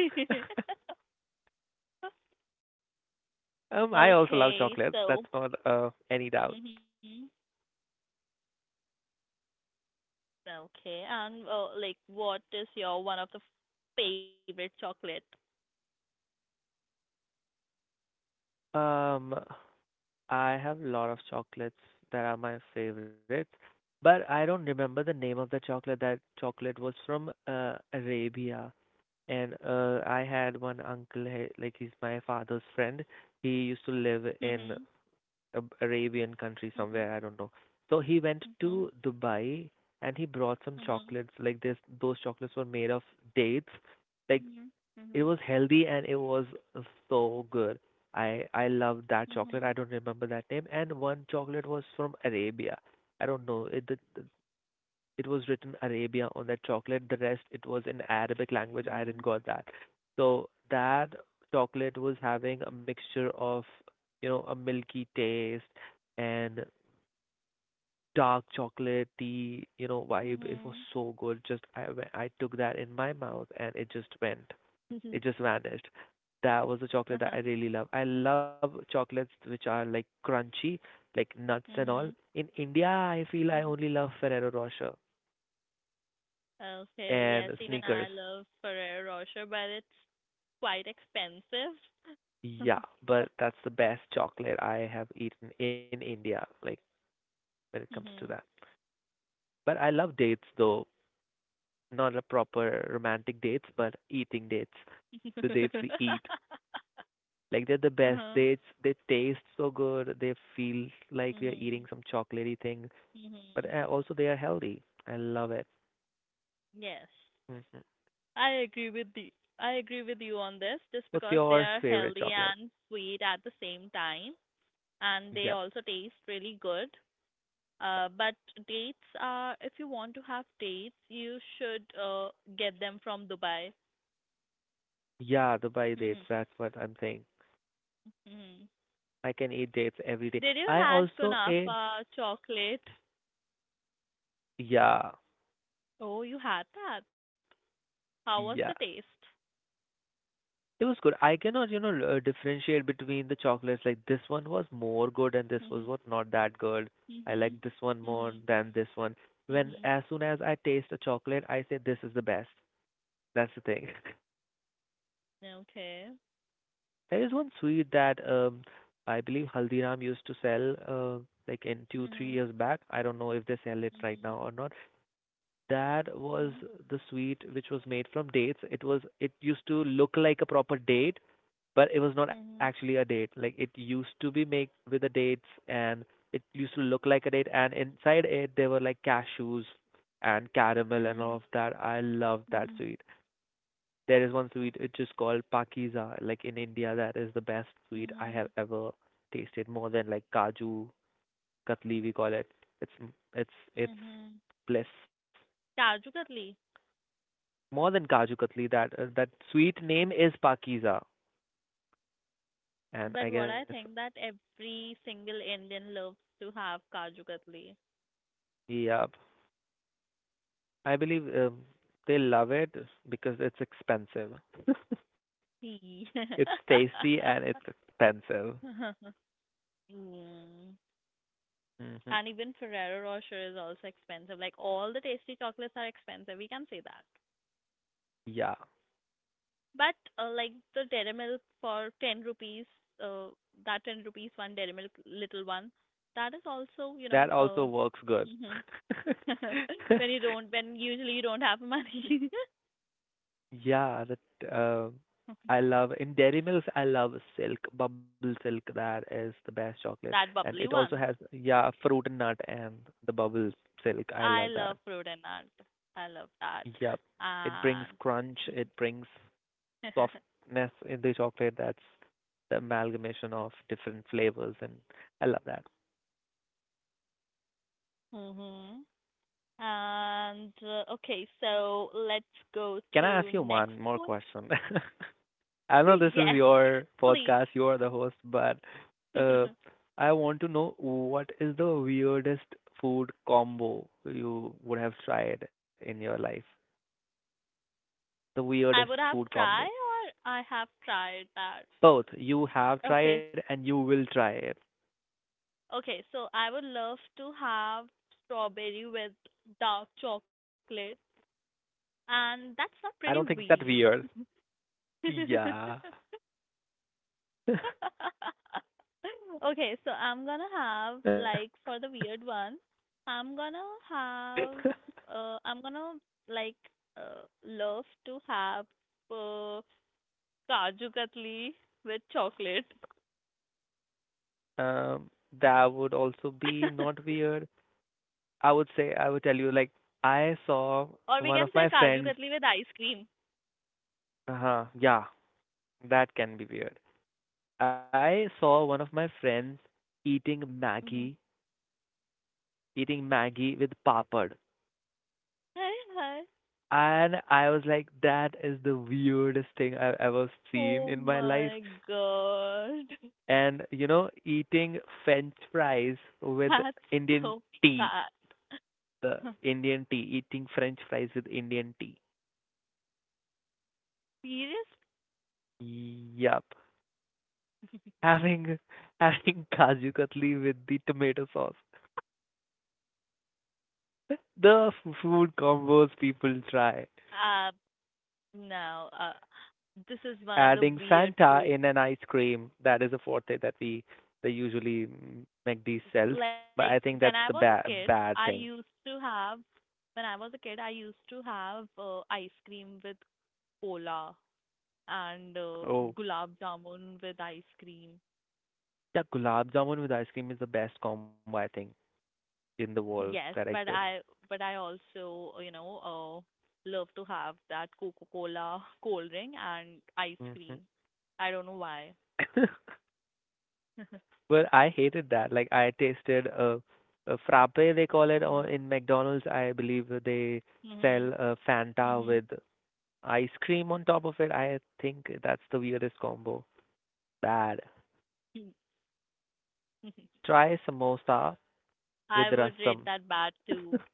[SPEAKER 2] I also
[SPEAKER 1] Okay,
[SPEAKER 2] love chocolates.
[SPEAKER 1] so
[SPEAKER 2] That's not any doubt.
[SPEAKER 1] mhm. Okay, and like, what is your one of the favorite chocolate?
[SPEAKER 2] Um, I have a lot of chocolates that are my favorites, but I don't remember the name of the chocolate. That chocolate was from Arabia. And I had one uncle, like he's my father's friend. He used to live in
[SPEAKER 1] Mhm.
[SPEAKER 2] a Arabian country
[SPEAKER 1] Mhm.
[SPEAKER 2] somewhere, I don't know. So he went
[SPEAKER 1] Mhm.
[SPEAKER 2] to Dubai and he brought some
[SPEAKER 1] Mhm.
[SPEAKER 2] chocolates. Like this, those chocolates were made of dates. Like
[SPEAKER 1] Mhm.
[SPEAKER 2] it was healthy and it was so good. I loved that chocolate. I
[SPEAKER 1] Mhm.
[SPEAKER 2] don't remember that name. And one chocolate was from Arabia. I don't know. It was written Arabia on that chocolate. The rest it was in Arabic language. I
[SPEAKER 1] Mhm.
[SPEAKER 2] didn't got that. So that chocolate was having a mixture of a milky taste and dark chocolate tea
[SPEAKER 1] Mhm.
[SPEAKER 2] vibe. It was
[SPEAKER 1] Mhm.
[SPEAKER 2] so good. Just I took that in my mouth and it just went. It just vanished. That was the chocolate that I really love. I love chocolates which are like crunchy, like nuts and all.
[SPEAKER 1] Mhm.
[SPEAKER 2] In India, I feel I
[SPEAKER 1] Mhm.
[SPEAKER 2] only love Ferrero Rocher
[SPEAKER 1] Okay.
[SPEAKER 2] and
[SPEAKER 1] Yes, even
[SPEAKER 2] Snickers.
[SPEAKER 1] I love Ferrero Rocher, but it's quite expensive.
[SPEAKER 2] Yeah, but that's the best chocolate I have eaten in India, like when it comes to
[SPEAKER 1] Mhm.
[SPEAKER 2] that. But I love dates though, not a proper romantic dates, but eating dates, the dates we eat. Like they're the best
[SPEAKER 1] Uh-huh.
[SPEAKER 2] dates. They taste so good. They feel like we are
[SPEAKER 1] Mhm.
[SPEAKER 2] eating some chocolatey thing, but
[SPEAKER 1] Mhm.
[SPEAKER 2] also they are healthy. I love it.
[SPEAKER 1] Yes.
[SPEAKER 2] Hmm.
[SPEAKER 1] I agree with the I agree with you on this, just
[SPEAKER 2] What's
[SPEAKER 1] because they
[SPEAKER 2] your
[SPEAKER 1] are
[SPEAKER 2] favorite
[SPEAKER 1] healthy
[SPEAKER 2] chocolate?
[SPEAKER 1] and sweet at the same time and
[SPEAKER 2] Yep.
[SPEAKER 1] they also taste really good. But dates are, if you want to have dates, you should get them from Dubai.
[SPEAKER 2] Yeah, Dubai
[SPEAKER 1] Hmm.
[SPEAKER 2] dates. That's what I'm saying.
[SPEAKER 1] Hmm.
[SPEAKER 2] I can eat dates every day.
[SPEAKER 1] Did you
[SPEAKER 2] I
[SPEAKER 1] had
[SPEAKER 2] also ate.
[SPEAKER 1] kunafa chocolate?
[SPEAKER 2] Yeah,
[SPEAKER 1] Oh, you had that. How was the
[SPEAKER 2] yeah.
[SPEAKER 1] taste?
[SPEAKER 2] It was good. I cannot differentiate between the chocolates. Like this one was more good and this
[SPEAKER 1] Hmm.
[SPEAKER 2] was what not that good. I
[SPEAKER 1] Hmm.
[SPEAKER 2] like this one more
[SPEAKER 1] Hmm.
[SPEAKER 2] than this one. When
[SPEAKER 1] Hmm.
[SPEAKER 2] as soon as I taste a chocolate, I say this is the best. That's the thing.
[SPEAKER 1] Okay.
[SPEAKER 2] There is one sweet that I believe Haldiram used to sell uh, like in two three
[SPEAKER 1] Hmm.
[SPEAKER 2] years back. I don't know if they sell it right
[SPEAKER 1] Hmm.
[SPEAKER 2] now or not. That was
[SPEAKER 1] Hmm.
[SPEAKER 2] the sweet which was made from dates. It used to look like a proper date but it was not actually
[SPEAKER 1] Hmm.
[SPEAKER 2] a date. Like it used to be made with the dates, and it used to look like a date. And inside it, there were like cashews and caramel and
[SPEAKER 1] Hmm.
[SPEAKER 2] all of that. I love that
[SPEAKER 1] Hmm.
[SPEAKER 2] sweet. There is one sweet which is called pakiza. Like in India, that is the best sweet I have
[SPEAKER 1] Hmm.
[SPEAKER 2] ever tasted, more than like kaju katli we call it. It's it's
[SPEAKER 1] Hmm.
[SPEAKER 2] bliss.
[SPEAKER 1] Kaju Katli.
[SPEAKER 2] More than kaju katli, that sweet name is pakiza. And
[SPEAKER 1] But
[SPEAKER 2] I guess
[SPEAKER 1] what I think that every single Indian loves to have Kaju Katli.
[SPEAKER 2] yeah, I believe they love it because it's expensive.
[SPEAKER 1] See.
[SPEAKER 2] It's tasty and it's expensive.
[SPEAKER 1] Mm.
[SPEAKER 2] Hmm.
[SPEAKER 1] And even Ferrero Rocher is also expensive. Like, all the tasty chocolates are expensive. We can say that.
[SPEAKER 2] Yeah,
[SPEAKER 1] But like the Dairy Milk for 10 rupees, uh, that 10 rupees one Dairy Milk little one, that is also,
[SPEAKER 2] that also works good.
[SPEAKER 1] mhm. when you don't, when usually you don't have money.
[SPEAKER 2] Yeah, that I love in Dairy Mills. I love Silk Bubble Silk. That is the best chocolate,
[SPEAKER 1] That
[SPEAKER 2] and it
[SPEAKER 1] bubbly
[SPEAKER 2] also has
[SPEAKER 1] one.
[SPEAKER 2] yeah fruit and nut and the bubble silk. I
[SPEAKER 1] I
[SPEAKER 2] love
[SPEAKER 1] love
[SPEAKER 2] that.
[SPEAKER 1] fruit and nut. I love that.
[SPEAKER 2] Yep, it brings
[SPEAKER 1] And
[SPEAKER 2] crunch. It brings softness in the chocolate that's the amalgamation of different flavors, and I love that.
[SPEAKER 1] Mhm. And okay, so let's go
[SPEAKER 2] Can I
[SPEAKER 1] to
[SPEAKER 2] ask you
[SPEAKER 1] next
[SPEAKER 2] one more
[SPEAKER 1] one.
[SPEAKER 2] question? I know this is
[SPEAKER 1] Yes,
[SPEAKER 2] your
[SPEAKER 1] please.
[SPEAKER 2] podcast, you are the host, but uh, I want to know what is the weirdest food combo you would have tried in your life? The weirdest
[SPEAKER 1] I would
[SPEAKER 2] food
[SPEAKER 1] have
[SPEAKER 2] combo.
[SPEAKER 1] tried or I have tried that.
[SPEAKER 2] Both you have tried
[SPEAKER 1] Okay.
[SPEAKER 2] and you will try it.
[SPEAKER 1] Okay, so I would love to have strawberry with dark chocolate, and that's not
[SPEAKER 2] I don't
[SPEAKER 1] pretty
[SPEAKER 2] think it's that
[SPEAKER 1] wee.
[SPEAKER 2] weird. Yeah.
[SPEAKER 1] Okay, so I'm gonna have like for the weird one, I'm gonna have I'm gonna like love to have uh Kaju Katli with chocolate.
[SPEAKER 2] Um, that would also be not weird. I would tell you like I saw
[SPEAKER 1] Or we
[SPEAKER 2] one of
[SPEAKER 1] can say
[SPEAKER 2] my
[SPEAKER 1] Kaju
[SPEAKER 2] friends.
[SPEAKER 1] Katli with ice cream.
[SPEAKER 2] Uh-huh, yeah, that can be weird. I saw one of my friends eating
[SPEAKER 1] Mhm.
[SPEAKER 2] Maggie, eating Maggie with papad.
[SPEAKER 1] Hi, hi.
[SPEAKER 2] And I was like, that is the weirdest thing I've ever
[SPEAKER 1] Oh
[SPEAKER 2] seen in my life.
[SPEAKER 1] my God.
[SPEAKER 2] And, you know, eating French fries with
[SPEAKER 1] That's
[SPEAKER 2] Indian
[SPEAKER 1] so
[SPEAKER 2] tea,
[SPEAKER 1] bad.
[SPEAKER 2] the Indian tea, eating French fries with Indian tea.
[SPEAKER 1] Serious?
[SPEAKER 2] Yep. Having having Kaju Katli with the tomato sauce. The food combos people try.
[SPEAKER 1] Um, No, this is one of the
[SPEAKER 2] Adding
[SPEAKER 1] weird
[SPEAKER 2] Fanta
[SPEAKER 1] food.
[SPEAKER 2] in an ice cream. That is a forte that we they usually McD sells.
[SPEAKER 1] Like
[SPEAKER 2] But I
[SPEAKER 1] when I
[SPEAKER 2] think
[SPEAKER 1] was a
[SPEAKER 2] that's the
[SPEAKER 1] kid,
[SPEAKER 2] bad
[SPEAKER 1] I
[SPEAKER 2] bad
[SPEAKER 1] used
[SPEAKER 2] thing.
[SPEAKER 1] to have, when I was a kid, I used to have ice cream with cola and
[SPEAKER 2] Oh,
[SPEAKER 1] gulab jamun with ice cream.
[SPEAKER 2] yeah, gulab jamun with ice cream is the best combo I think in the world
[SPEAKER 1] Yes,
[SPEAKER 2] that
[SPEAKER 1] but
[SPEAKER 2] exists.
[SPEAKER 1] I but I also, love to have that Coca-Cola cold drink and ice
[SPEAKER 2] Hmm.
[SPEAKER 1] cream. I don't know why.
[SPEAKER 2] But I hated that. Like I tasted a frappe they call it or in McDonald's. I believe that they
[SPEAKER 1] Mhm.
[SPEAKER 2] sell a Fanta
[SPEAKER 1] Mhm.
[SPEAKER 2] with ice cream on top of it. I think that's the weirdest combo. Bad.
[SPEAKER 1] Mhm.
[SPEAKER 2] Try samosa with
[SPEAKER 1] I would rate
[SPEAKER 2] rasam.
[SPEAKER 1] that bad too.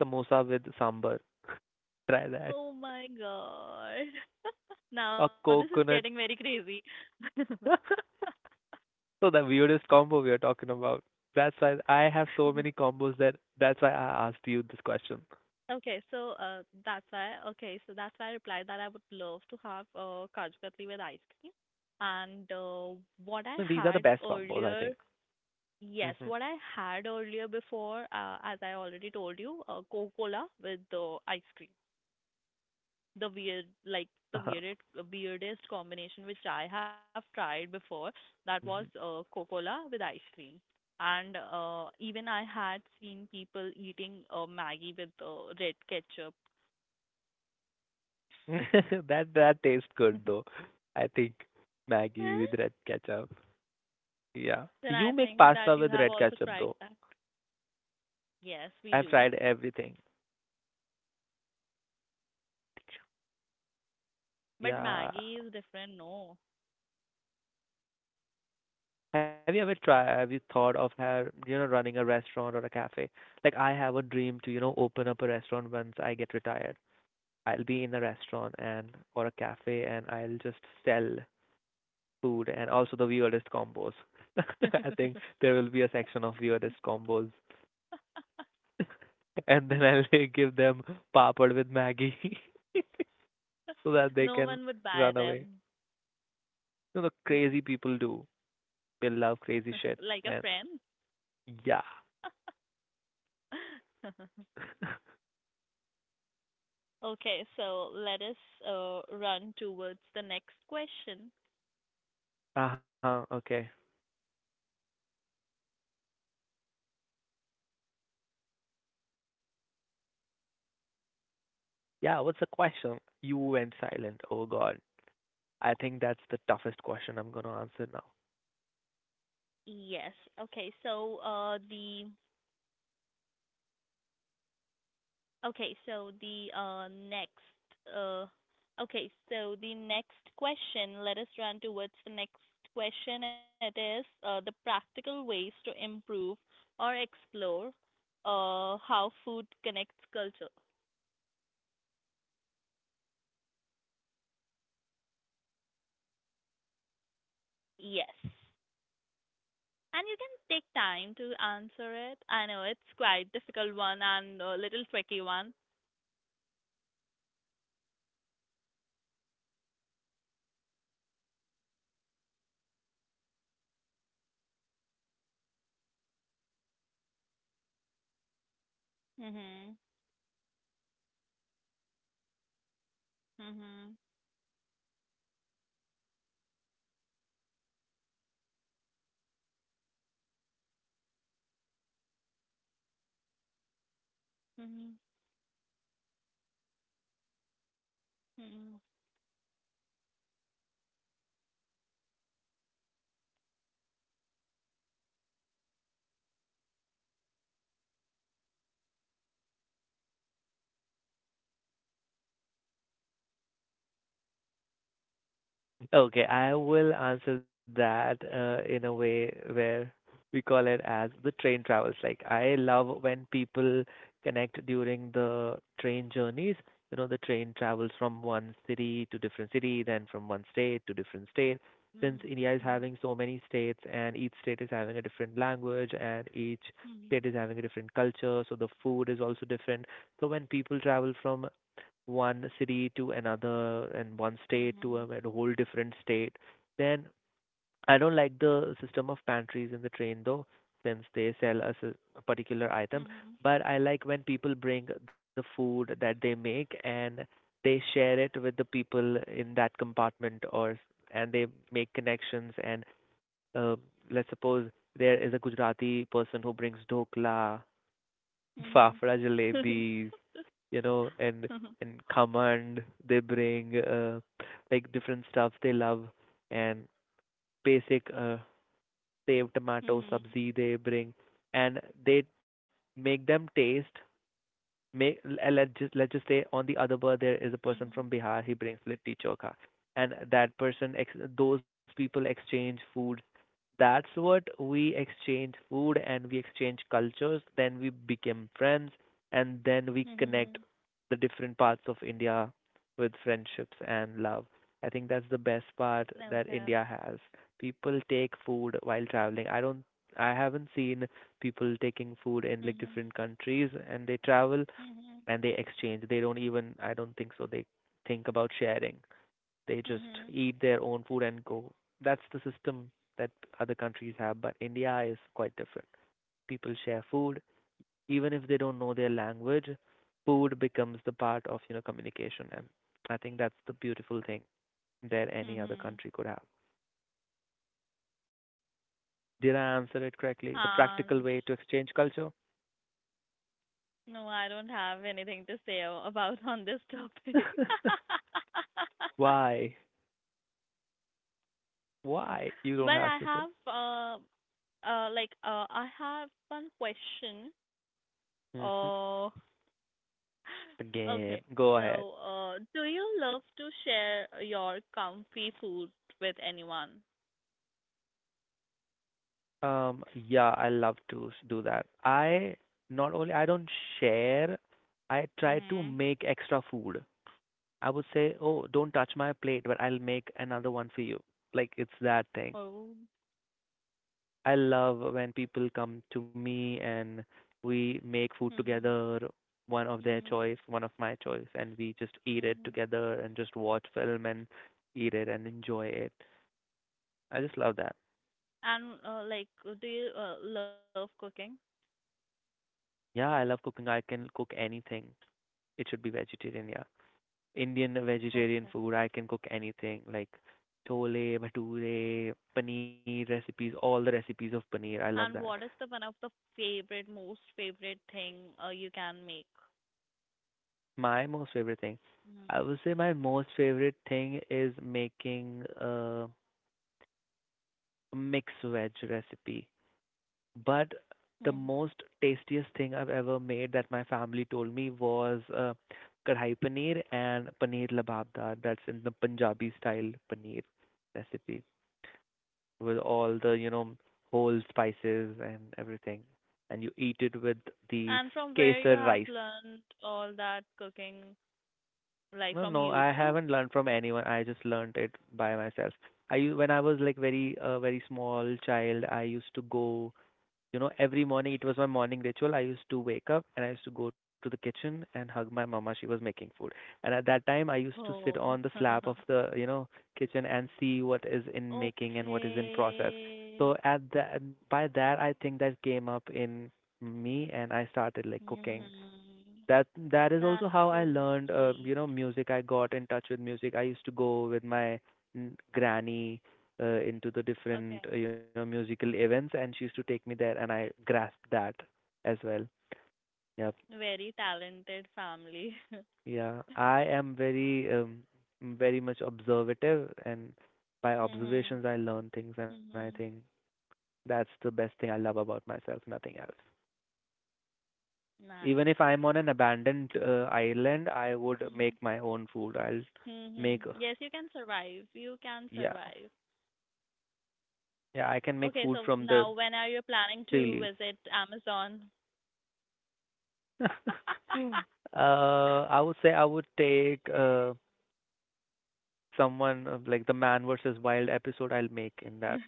[SPEAKER 2] Samosa with sambar. Try that.
[SPEAKER 1] Oh my God. Now
[SPEAKER 2] A
[SPEAKER 1] this is getting very
[SPEAKER 2] coconut.
[SPEAKER 1] crazy.
[SPEAKER 2] So the weirdest combo we are talking about. That's why I have so many combos that's why I asked you this question.
[SPEAKER 1] Okay, so that's why. Okay, so that's why I replied that I would love to have Kaju Katli with ice cream. And
[SPEAKER 2] No,
[SPEAKER 1] what I
[SPEAKER 2] these are the
[SPEAKER 1] had
[SPEAKER 2] best combos, I think.
[SPEAKER 1] earlier, yes,
[SPEAKER 2] Hmm.
[SPEAKER 1] what I had earlier before, as I already told you, Coca-Cola with ice cream. The weird like the
[SPEAKER 2] Uh-huh.
[SPEAKER 1] weirdest weirdest combination which I have tried before, that was
[SPEAKER 2] Mhm.
[SPEAKER 1] Coca-Cola with ice cream. And even I had seen people eating Maggie with red ketchup.
[SPEAKER 2] That that tastes good though. I think Maggie with
[SPEAKER 1] Eh?
[SPEAKER 2] red ketchup. Yeah.
[SPEAKER 1] Then
[SPEAKER 2] You
[SPEAKER 1] I
[SPEAKER 2] make
[SPEAKER 1] think
[SPEAKER 2] pasta
[SPEAKER 1] that you
[SPEAKER 2] with
[SPEAKER 1] have
[SPEAKER 2] red
[SPEAKER 1] also
[SPEAKER 2] ketchup
[SPEAKER 1] tried
[SPEAKER 2] though.
[SPEAKER 1] that. Yes, we
[SPEAKER 2] I've
[SPEAKER 1] do.
[SPEAKER 2] tried everything.
[SPEAKER 1] But
[SPEAKER 2] Yeah.
[SPEAKER 1] Maggie is different, no.
[SPEAKER 2] Have you ever tried, have you thought of running a restaurant or a cafe? Like I have a dream to, you know, open up a restaurant once I get retired. I'll be in a restaurant and or a cafe and I'll just sell food and also the weirdest combos. I think there will be a section of weirdest combos. And then I'll give them papad with Maggie so that they
[SPEAKER 1] No
[SPEAKER 2] can
[SPEAKER 1] one would buy
[SPEAKER 2] run away.
[SPEAKER 1] them.
[SPEAKER 2] You know, crazy people do. They love crazy shit.
[SPEAKER 1] Like a
[SPEAKER 2] And
[SPEAKER 1] friend.
[SPEAKER 2] yeah.
[SPEAKER 1] Okay, so let us run towards the next question.
[SPEAKER 2] uh huh. Okay. Yeah. What's the question? You went silent. Oh God. I think that's the toughest question I'm gonna answer now.
[SPEAKER 1] Yes. Okay, so the okay, so the next uh, okay, so the next question. Let us run towards the next question. It is the practical ways to improve or explore how food connects culture. Yes. And you can take time to answer it. I know it's quite difficult one and a little tricky one. Mhm. Mhm. Mhm. Mhm.
[SPEAKER 2] Okay, I will answer that in a way where we call it as the train travels. Like, I love when people connect during the train journeys. You know, the train travels from one city to different city, then from one state to different state. Since
[SPEAKER 1] Mhm.
[SPEAKER 2] India is having so many states and each state is having a different language and each state
[SPEAKER 1] Mhm.
[SPEAKER 2] is having a different culture, so the food is also different. So when people travel from one city to another and one state to
[SPEAKER 1] Mhm.
[SPEAKER 2] a whole different state. Then I don't like the system of pantries in the train though, since they sell us a, particular item.
[SPEAKER 1] Mhm.
[SPEAKER 2] But I like when people bring the food that they make and they share it with the people in that compartment or and they make connections and uh, let's suppose there is a Gujarati person who brings dokla, fafra
[SPEAKER 1] Mhm.
[SPEAKER 2] jalebis, you know, and
[SPEAKER 1] Mhm.
[SPEAKER 2] and command. They bring like different stuff they love and basic save tomato
[SPEAKER 1] Mhm.
[SPEAKER 2] sabzi they bring, and they make them taste. Make let's just say on the other bird there is a person from Bihar. He brings litti chokha, and those people exchange food that's what we exchange food and we exchange cultures then we become friends and then we
[SPEAKER 1] Mhm. Mhm. Mhm.
[SPEAKER 2] connect
[SPEAKER 1] Mhm.
[SPEAKER 2] the different parts of India with friendships and love. I think that's the best part that
[SPEAKER 1] Okay.
[SPEAKER 2] India has. People take food while traveling. I haven't seen people taking food in like
[SPEAKER 1] Mhm.
[SPEAKER 2] different countries and they travel
[SPEAKER 1] Mhm.
[SPEAKER 2] and they exchange. They don't even I don't think so they think about sharing. They just
[SPEAKER 1] Mhm.
[SPEAKER 2] eat their own food and go. That's the system that other countries have, but India is quite different. People share food, even if they don't know their language, food becomes the part of communication, and I think that's the beautiful thing that any other
[SPEAKER 1] Mhm.
[SPEAKER 2] country could have. Did I answer it correctly? The practical
[SPEAKER 1] And
[SPEAKER 2] way to exchange culture.
[SPEAKER 1] no, I don't have anything to say about on this topic.
[SPEAKER 2] Why? Why? You don't
[SPEAKER 1] But
[SPEAKER 2] have
[SPEAKER 1] I
[SPEAKER 2] to say.
[SPEAKER 1] have like I have one question.
[SPEAKER 2] Hmm.
[SPEAKER 1] Uh Okay,
[SPEAKER 2] Again, go
[SPEAKER 1] so
[SPEAKER 2] ahead.
[SPEAKER 1] do you love to share your comfy food with anyone?
[SPEAKER 2] Yeah, I love to do that. I Not only I don't share, I try to
[SPEAKER 1] Mhm.
[SPEAKER 2] make extra food. I would say, "Oh, don't touch my plate, but I'll make another one for you." Like it's that thing.
[SPEAKER 1] Oh.
[SPEAKER 2] I love when people come to me and we make food
[SPEAKER 1] Mhm.
[SPEAKER 2] together, one of their
[SPEAKER 1] Mhm.
[SPEAKER 2] choice, one of my choice, and we just eat it
[SPEAKER 1] Mhm.
[SPEAKER 2] together and just watch film and eat it and enjoy it. I just love that.
[SPEAKER 1] And like, do you love cooking?
[SPEAKER 2] Yeah, I love cooking. I can cook anything. It should be vegetarian, yeah. Indian vegetarian
[SPEAKER 1] Okay.
[SPEAKER 2] food. I can cook anything like chole, bhature, paneer recipes, all the recipes of paneer. I love that.
[SPEAKER 1] And what is the one of the favorite, most favorite thing you can make?
[SPEAKER 2] My most favorite thing,
[SPEAKER 1] Mhm.
[SPEAKER 2] I would say my most favorite thing is making a mixed veg recipe. But the
[SPEAKER 1] Mm.
[SPEAKER 2] most tastiest thing I've ever made that my family told me was kadhai paneer and paneer lababdar. That's in the Punjabi style paneer recipe, with all the whole spices and everything, and you eat it with the
[SPEAKER 1] And from where you
[SPEAKER 2] kesar
[SPEAKER 1] have
[SPEAKER 2] rice.
[SPEAKER 1] learned all that cooking, like
[SPEAKER 2] No,
[SPEAKER 1] from
[SPEAKER 2] no, I
[SPEAKER 1] YouTube?
[SPEAKER 2] haven't learned from anyone. I just learned it by myself. When I was like very small child, I used to go. Every morning it was my morning ritual. I used to wake up and I used to go to the kitchen and hug my mama. She was making food. And at that time, I used to sit on
[SPEAKER 1] Oh.
[SPEAKER 2] the slab of the kitchen and see what is in making and what is in process.
[SPEAKER 1] Okay.
[SPEAKER 2] So by that, I think that came up in me and I started like cooking
[SPEAKER 1] Mhm.
[SPEAKER 2] that that is also
[SPEAKER 1] That's
[SPEAKER 2] how I
[SPEAKER 1] so
[SPEAKER 2] learned, uh,
[SPEAKER 1] sweet.
[SPEAKER 2] you know, music. I got in touch with music. I used to go with my granny into the
[SPEAKER 1] Okay.
[SPEAKER 2] different musical events, and she used to take me there, and I grasped that as well. Yep.
[SPEAKER 1] Very talented family.
[SPEAKER 2] Yeah. I am very much observative, and by
[SPEAKER 1] Mhm.
[SPEAKER 2] observations, I learn things, and I think
[SPEAKER 1] Mhm.
[SPEAKER 2] that's the best thing I love about myself. Nothing else. Even
[SPEAKER 1] Nice.
[SPEAKER 2] if I'm on an abandoned island, I would make
[SPEAKER 1] Mhm.
[SPEAKER 2] my own food. I'll
[SPEAKER 1] Mhm.
[SPEAKER 2] make.
[SPEAKER 1] Yes, you can survive. You can
[SPEAKER 2] Yeah.
[SPEAKER 1] survive.
[SPEAKER 2] Yeah, I can make
[SPEAKER 1] Okay,
[SPEAKER 2] food
[SPEAKER 1] so
[SPEAKER 2] from the
[SPEAKER 1] now when are you planning
[SPEAKER 2] tree
[SPEAKER 1] to
[SPEAKER 2] leaves.
[SPEAKER 1] visit Amazon?
[SPEAKER 2] I would say I would take someone of like the Man versus Wild episode I'll make in that,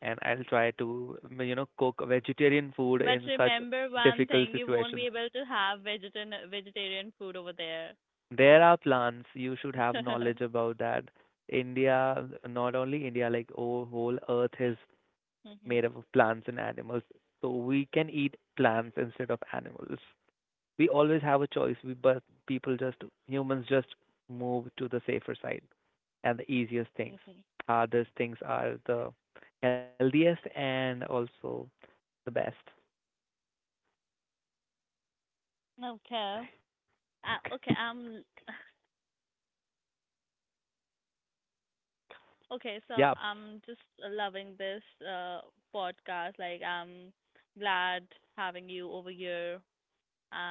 [SPEAKER 2] and I'll try to cook vegetarian food
[SPEAKER 1] But
[SPEAKER 2] in such
[SPEAKER 1] remember one
[SPEAKER 2] difficult
[SPEAKER 1] thing, you won't be
[SPEAKER 2] situations.
[SPEAKER 1] able to have vegetan vegetarian food over there.
[SPEAKER 2] There are plants. You should have knowledge about that. India, not only India, like oh, whole Earth is
[SPEAKER 1] Mhm.
[SPEAKER 2] made up of plants and animals, so we can eat plants instead of animals. We always have a choice, we but people just humans just move to the safer side, and the easiest things are, these things are the healthiest and also the best.
[SPEAKER 1] Okay.
[SPEAKER 2] Okay.
[SPEAKER 1] Okay, I'm Okay, so
[SPEAKER 2] Yeah.
[SPEAKER 1] I'm just loving this podcast. Like, I'm glad having you over here.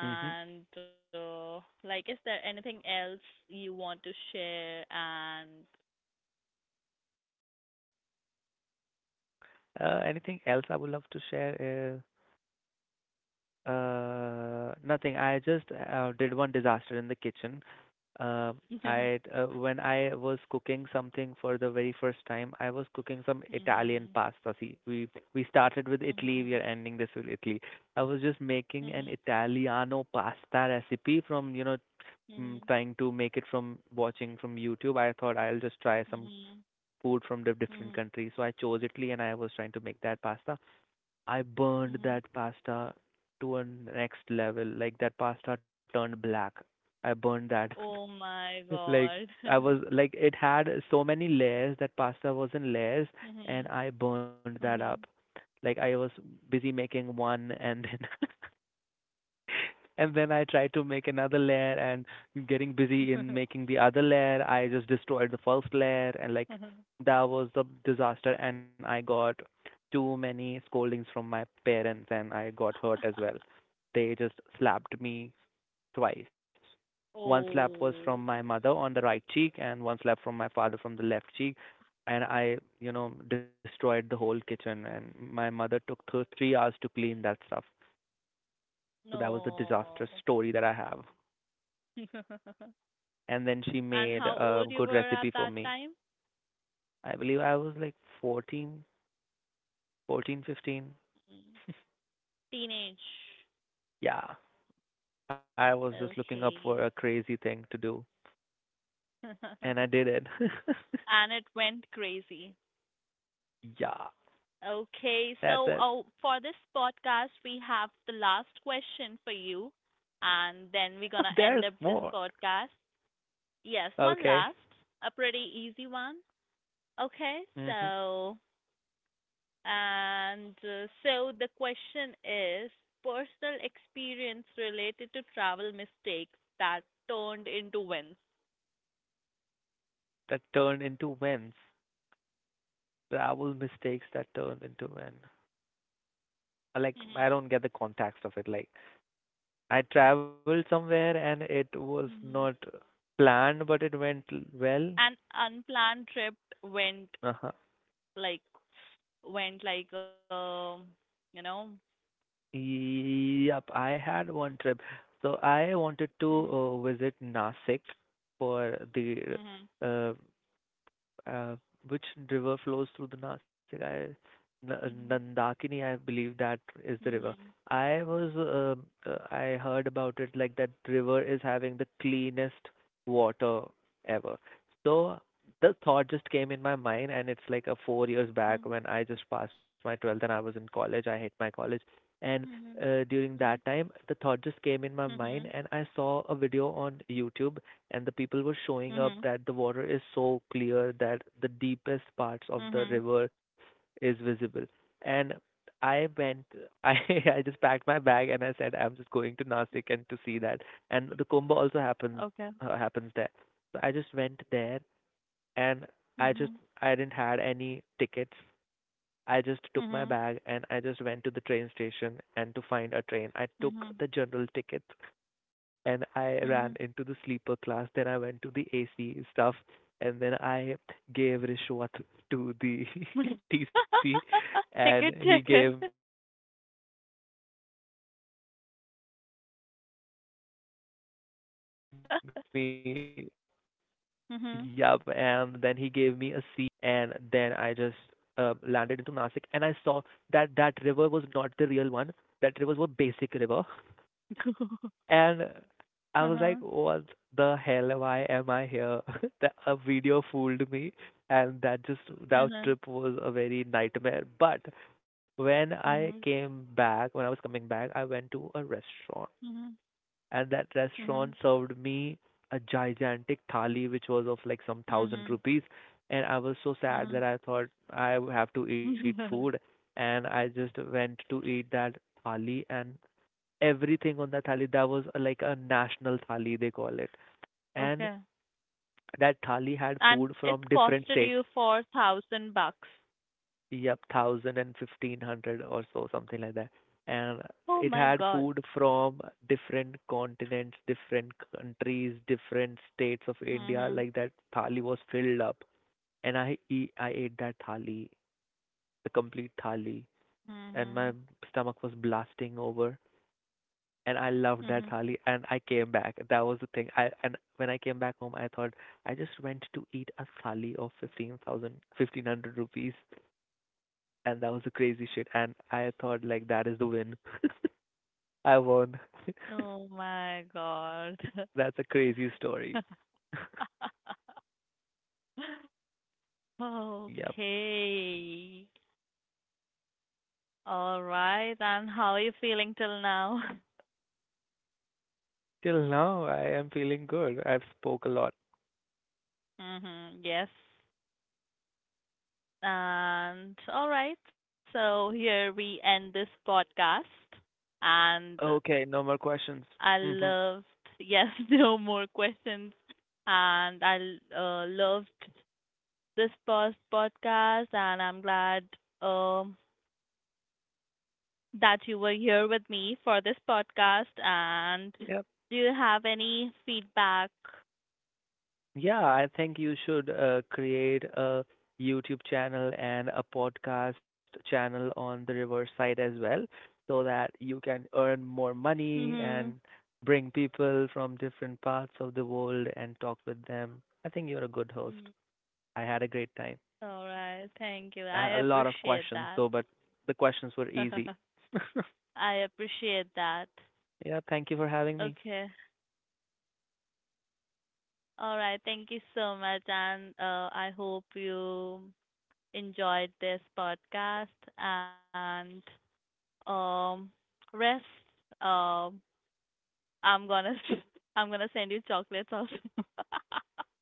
[SPEAKER 2] Mhm.
[SPEAKER 1] like, is there anything else you want to share? And,
[SPEAKER 2] Anything else I would love to share? Nothing. I just did one disaster in the kitchen. Uh,
[SPEAKER 1] mhm,
[SPEAKER 2] I when I was cooking something for the very first time, I was cooking some Italian
[SPEAKER 1] mhm,
[SPEAKER 2] pasta. See, we started with Italy, we
[SPEAKER 1] mhm,
[SPEAKER 2] are ending this with Italy. I was just making an Italiano pasta recipe from, you know,
[SPEAKER 1] mhm,
[SPEAKER 2] mm,
[SPEAKER 1] mhm,
[SPEAKER 2] trying to make it from watching from YouTube. I thought I'll just try some
[SPEAKER 1] mhm,
[SPEAKER 2] food from the different
[SPEAKER 1] mhm,
[SPEAKER 2] countries. So I chose Italy and I was trying to make that pasta. I burned
[SPEAKER 1] mhm.
[SPEAKER 2] that pasta to a next level. Like that pasta turned black. I burned that.
[SPEAKER 1] Oh my
[SPEAKER 2] Like
[SPEAKER 1] God.
[SPEAKER 2] I was like it had so many layers, that pasta was in layers, and
[SPEAKER 1] Mhm,
[SPEAKER 2] I burned that up.
[SPEAKER 1] mhm,
[SPEAKER 2] Like I was busy making one, and then and then I tried to make another layer, and getting busy in making the other layer, I just destroyed the first layer and like
[SPEAKER 1] mhm.
[SPEAKER 2] that was the disaster and I got too many scoldings from my parents and I got hurt as well. They just slapped me twice. One slap was from
[SPEAKER 1] Oh,
[SPEAKER 2] my mother on the right cheek and one slap from my father from the left cheek, and I, you know, destroyed the whole kitchen and my mother took 3 hours to clean that stuff. So that was a disastrous
[SPEAKER 1] no.
[SPEAKER 2] story that I have. And then she
[SPEAKER 1] And
[SPEAKER 2] made
[SPEAKER 1] how
[SPEAKER 2] a
[SPEAKER 1] old you
[SPEAKER 2] good
[SPEAKER 1] were at
[SPEAKER 2] recipe for
[SPEAKER 1] that
[SPEAKER 2] me.
[SPEAKER 1] time?
[SPEAKER 2] I believe I was like fourteen, 15.
[SPEAKER 1] Mm. Teenage.
[SPEAKER 2] Yeah. I was just looking up for
[SPEAKER 1] Okay.
[SPEAKER 2] a crazy thing to do, and I did it.
[SPEAKER 1] And it went crazy.
[SPEAKER 2] Yeah.
[SPEAKER 1] Okay, so
[SPEAKER 2] That's
[SPEAKER 1] oh,
[SPEAKER 2] it.
[SPEAKER 1] for this podcast, we have the last question for you, and then we're gonna end
[SPEAKER 2] There's
[SPEAKER 1] up this
[SPEAKER 2] more.
[SPEAKER 1] podcast. Yes, one
[SPEAKER 2] Okay.
[SPEAKER 1] last, a pretty easy one. Okay,
[SPEAKER 2] hmm
[SPEAKER 1] so And so the question is personal experience related to travel mistakes that turned into wins.
[SPEAKER 2] That turned into wins. Travel mistakes that turned into win. Like,
[SPEAKER 1] Mhm.
[SPEAKER 2] I don't get the context of it. Like, I traveled somewhere and it was
[SPEAKER 1] Mhm.
[SPEAKER 2] not planned, but it went
[SPEAKER 1] An
[SPEAKER 2] well.
[SPEAKER 1] unplanned trip went
[SPEAKER 2] Uh-huh.
[SPEAKER 1] like went like you know
[SPEAKER 2] Yep, I had one trip. So I wanted to
[SPEAKER 1] Mhm.
[SPEAKER 2] visit Nasik for the
[SPEAKER 1] Mhm.
[SPEAKER 2] uh, uh, which river flows through the Nasik? Nandakini, I believe that is the river.
[SPEAKER 1] Mhm.
[SPEAKER 2] I was, um, I heard about it like that river is having the cleanest water ever. So the thought just came in my mind, and it's like a 4 years back
[SPEAKER 1] Mhm.
[SPEAKER 2] when I just passed my 12th and I was in college. I hate my college. And
[SPEAKER 1] Mhm. Mhm.
[SPEAKER 2] during that time, the thought just came in my mind, and
[SPEAKER 1] Mhm.
[SPEAKER 2] I saw a video on YouTube and the people were
[SPEAKER 1] Mhm.
[SPEAKER 2] showing up
[SPEAKER 1] Mhm.
[SPEAKER 2] that the water is so clear that the deepest parts of the
[SPEAKER 1] Mhm.
[SPEAKER 2] river is visible, and I went. i I just packed my bag and I said I'm just going to Nasik and to see that, and the kumbh also happens
[SPEAKER 1] Okay.
[SPEAKER 2] uh, happens there. So I just went there and i just
[SPEAKER 1] Mhm.
[SPEAKER 2] I didn't had any tickets. I just took my
[SPEAKER 1] Mhm.
[SPEAKER 2] bag and I just went to the train station, and to find a train I took
[SPEAKER 1] Mhm.
[SPEAKER 2] the general ticket and I
[SPEAKER 1] Mhm.
[SPEAKER 2] ran into the sleeper class. Then I went to the AC stuff, and then I gave Rishwat to the TC,
[SPEAKER 1] Ticket,
[SPEAKER 2] and he
[SPEAKER 1] ticket.
[SPEAKER 2] gave me yup, and then he gave me a seat, and then I,
[SPEAKER 1] Mhm.
[SPEAKER 2] like, the whole journey was a very roller coaster thing,
[SPEAKER 1] Mhm.
[SPEAKER 2] and then I just landed into Nasik, and I saw that that river was not the real one. That rivers were basic river and I was
[SPEAKER 1] Uh-huh.
[SPEAKER 2] like, what the hell? Why am I here? That a video fooled me, and that
[SPEAKER 1] Uh-huh.
[SPEAKER 2] trip was a very nightmare. But when I
[SPEAKER 1] Mhm.
[SPEAKER 2] came back, when I was coming back, I went to a restaurant,
[SPEAKER 1] Mhm.
[SPEAKER 2] and that
[SPEAKER 1] Mhm.
[SPEAKER 2] restaurant served me a gigantic thali, which was of like some thousand
[SPEAKER 1] Mhm.
[SPEAKER 2] rupees. And I was so sad
[SPEAKER 1] Mhm.
[SPEAKER 2] that I thought I would have to eat food, and I just went to eat that thali, and everything on that thali. That was like a national thali, they call it. And
[SPEAKER 1] Okay.
[SPEAKER 2] that thali had
[SPEAKER 1] And
[SPEAKER 2] food
[SPEAKER 1] it
[SPEAKER 2] from different
[SPEAKER 1] costed
[SPEAKER 2] states.
[SPEAKER 1] you 4,000 bucks.
[SPEAKER 2] Yep, thousand and fifteen hundred or so, something like that. And
[SPEAKER 1] Oh
[SPEAKER 2] it
[SPEAKER 1] my
[SPEAKER 2] had
[SPEAKER 1] God.
[SPEAKER 2] food from different continents, different countries, different states of India.
[SPEAKER 1] Mhm.
[SPEAKER 2] Like that thali was filled up, and I ate that thali, the complete thali, and
[SPEAKER 1] Mhm.
[SPEAKER 2] my stomach was blasting over. And I loved that thali
[SPEAKER 1] Mhm.
[SPEAKER 2] and I came back. That was the thing. I and when I came back home I thought I just went to eat a thali of fifteen thousand fifteen hundred rupees and that was the crazy shit and I thought like that is the win. I won.
[SPEAKER 1] Oh my God.
[SPEAKER 2] That's a crazy story. Yep.
[SPEAKER 1] Okay. All right. And how are you feeling till now?
[SPEAKER 2] Till now I am feeling good. I've spoke a lot.
[SPEAKER 1] Mm-hmm. Yes. And all right. So here we end this podcast. And
[SPEAKER 2] Okay, no more questions.
[SPEAKER 1] I
[SPEAKER 2] Mhm.
[SPEAKER 1] loved, yes, no more questions. And I loved this first podcast. And I'm glad um, that you were here with me for this podcast. And
[SPEAKER 2] Yep.
[SPEAKER 1] do you have any feedback?
[SPEAKER 2] Yeah, I think you should create a YouTube channel and a podcast channel on the reverse side as well, so that you can earn more money
[SPEAKER 1] Mm-hmm.
[SPEAKER 2] and bring people from different parts of the world and talk with them. I think you're a good
[SPEAKER 1] Mm-hmm.
[SPEAKER 2] host. I had a great time
[SPEAKER 1] All right. Thank you.
[SPEAKER 2] and
[SPEAKER 1] I
[SPEAKER 2] a lot of
[SPEAKER 1] appreciate
[SPEAKER 2] questions
[SPEAKER 1] that.
[SPEAKER 2] though, but the questions were easy.
[SPEAKER 1] I appreciate that.
[SPEAKER 2] Yeah, thank you for having me.
[SPEAKER 1] Okay. All right. Thank you so much. And I hope you enjoyed this podcast. And um, rest. Um, I'm gonna I'm gonna send you chocolates also.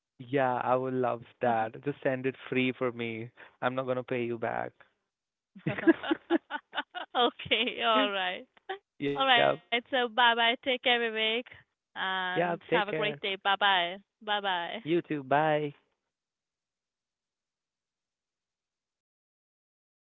[SPEAKER 2] Yeah, I would love that. Just send it free for me. I'm not gonna pay you back.
[SPEAKER 1] Okay, all right. All
[SPEAKER 2] Yep.
[SPEAKER 1] right, so bye bye. Take care, Vivek, and
[SPEAKER 2] Yep.
[SPEAKER 1] have
[SPEAKER 2] Take
[SPEAKER 1] a great
[SPEAKER 2] care.
[SPEAKER 1] day. Bye bye. Bye bye.
[SPEAKER 2] You too. Bye.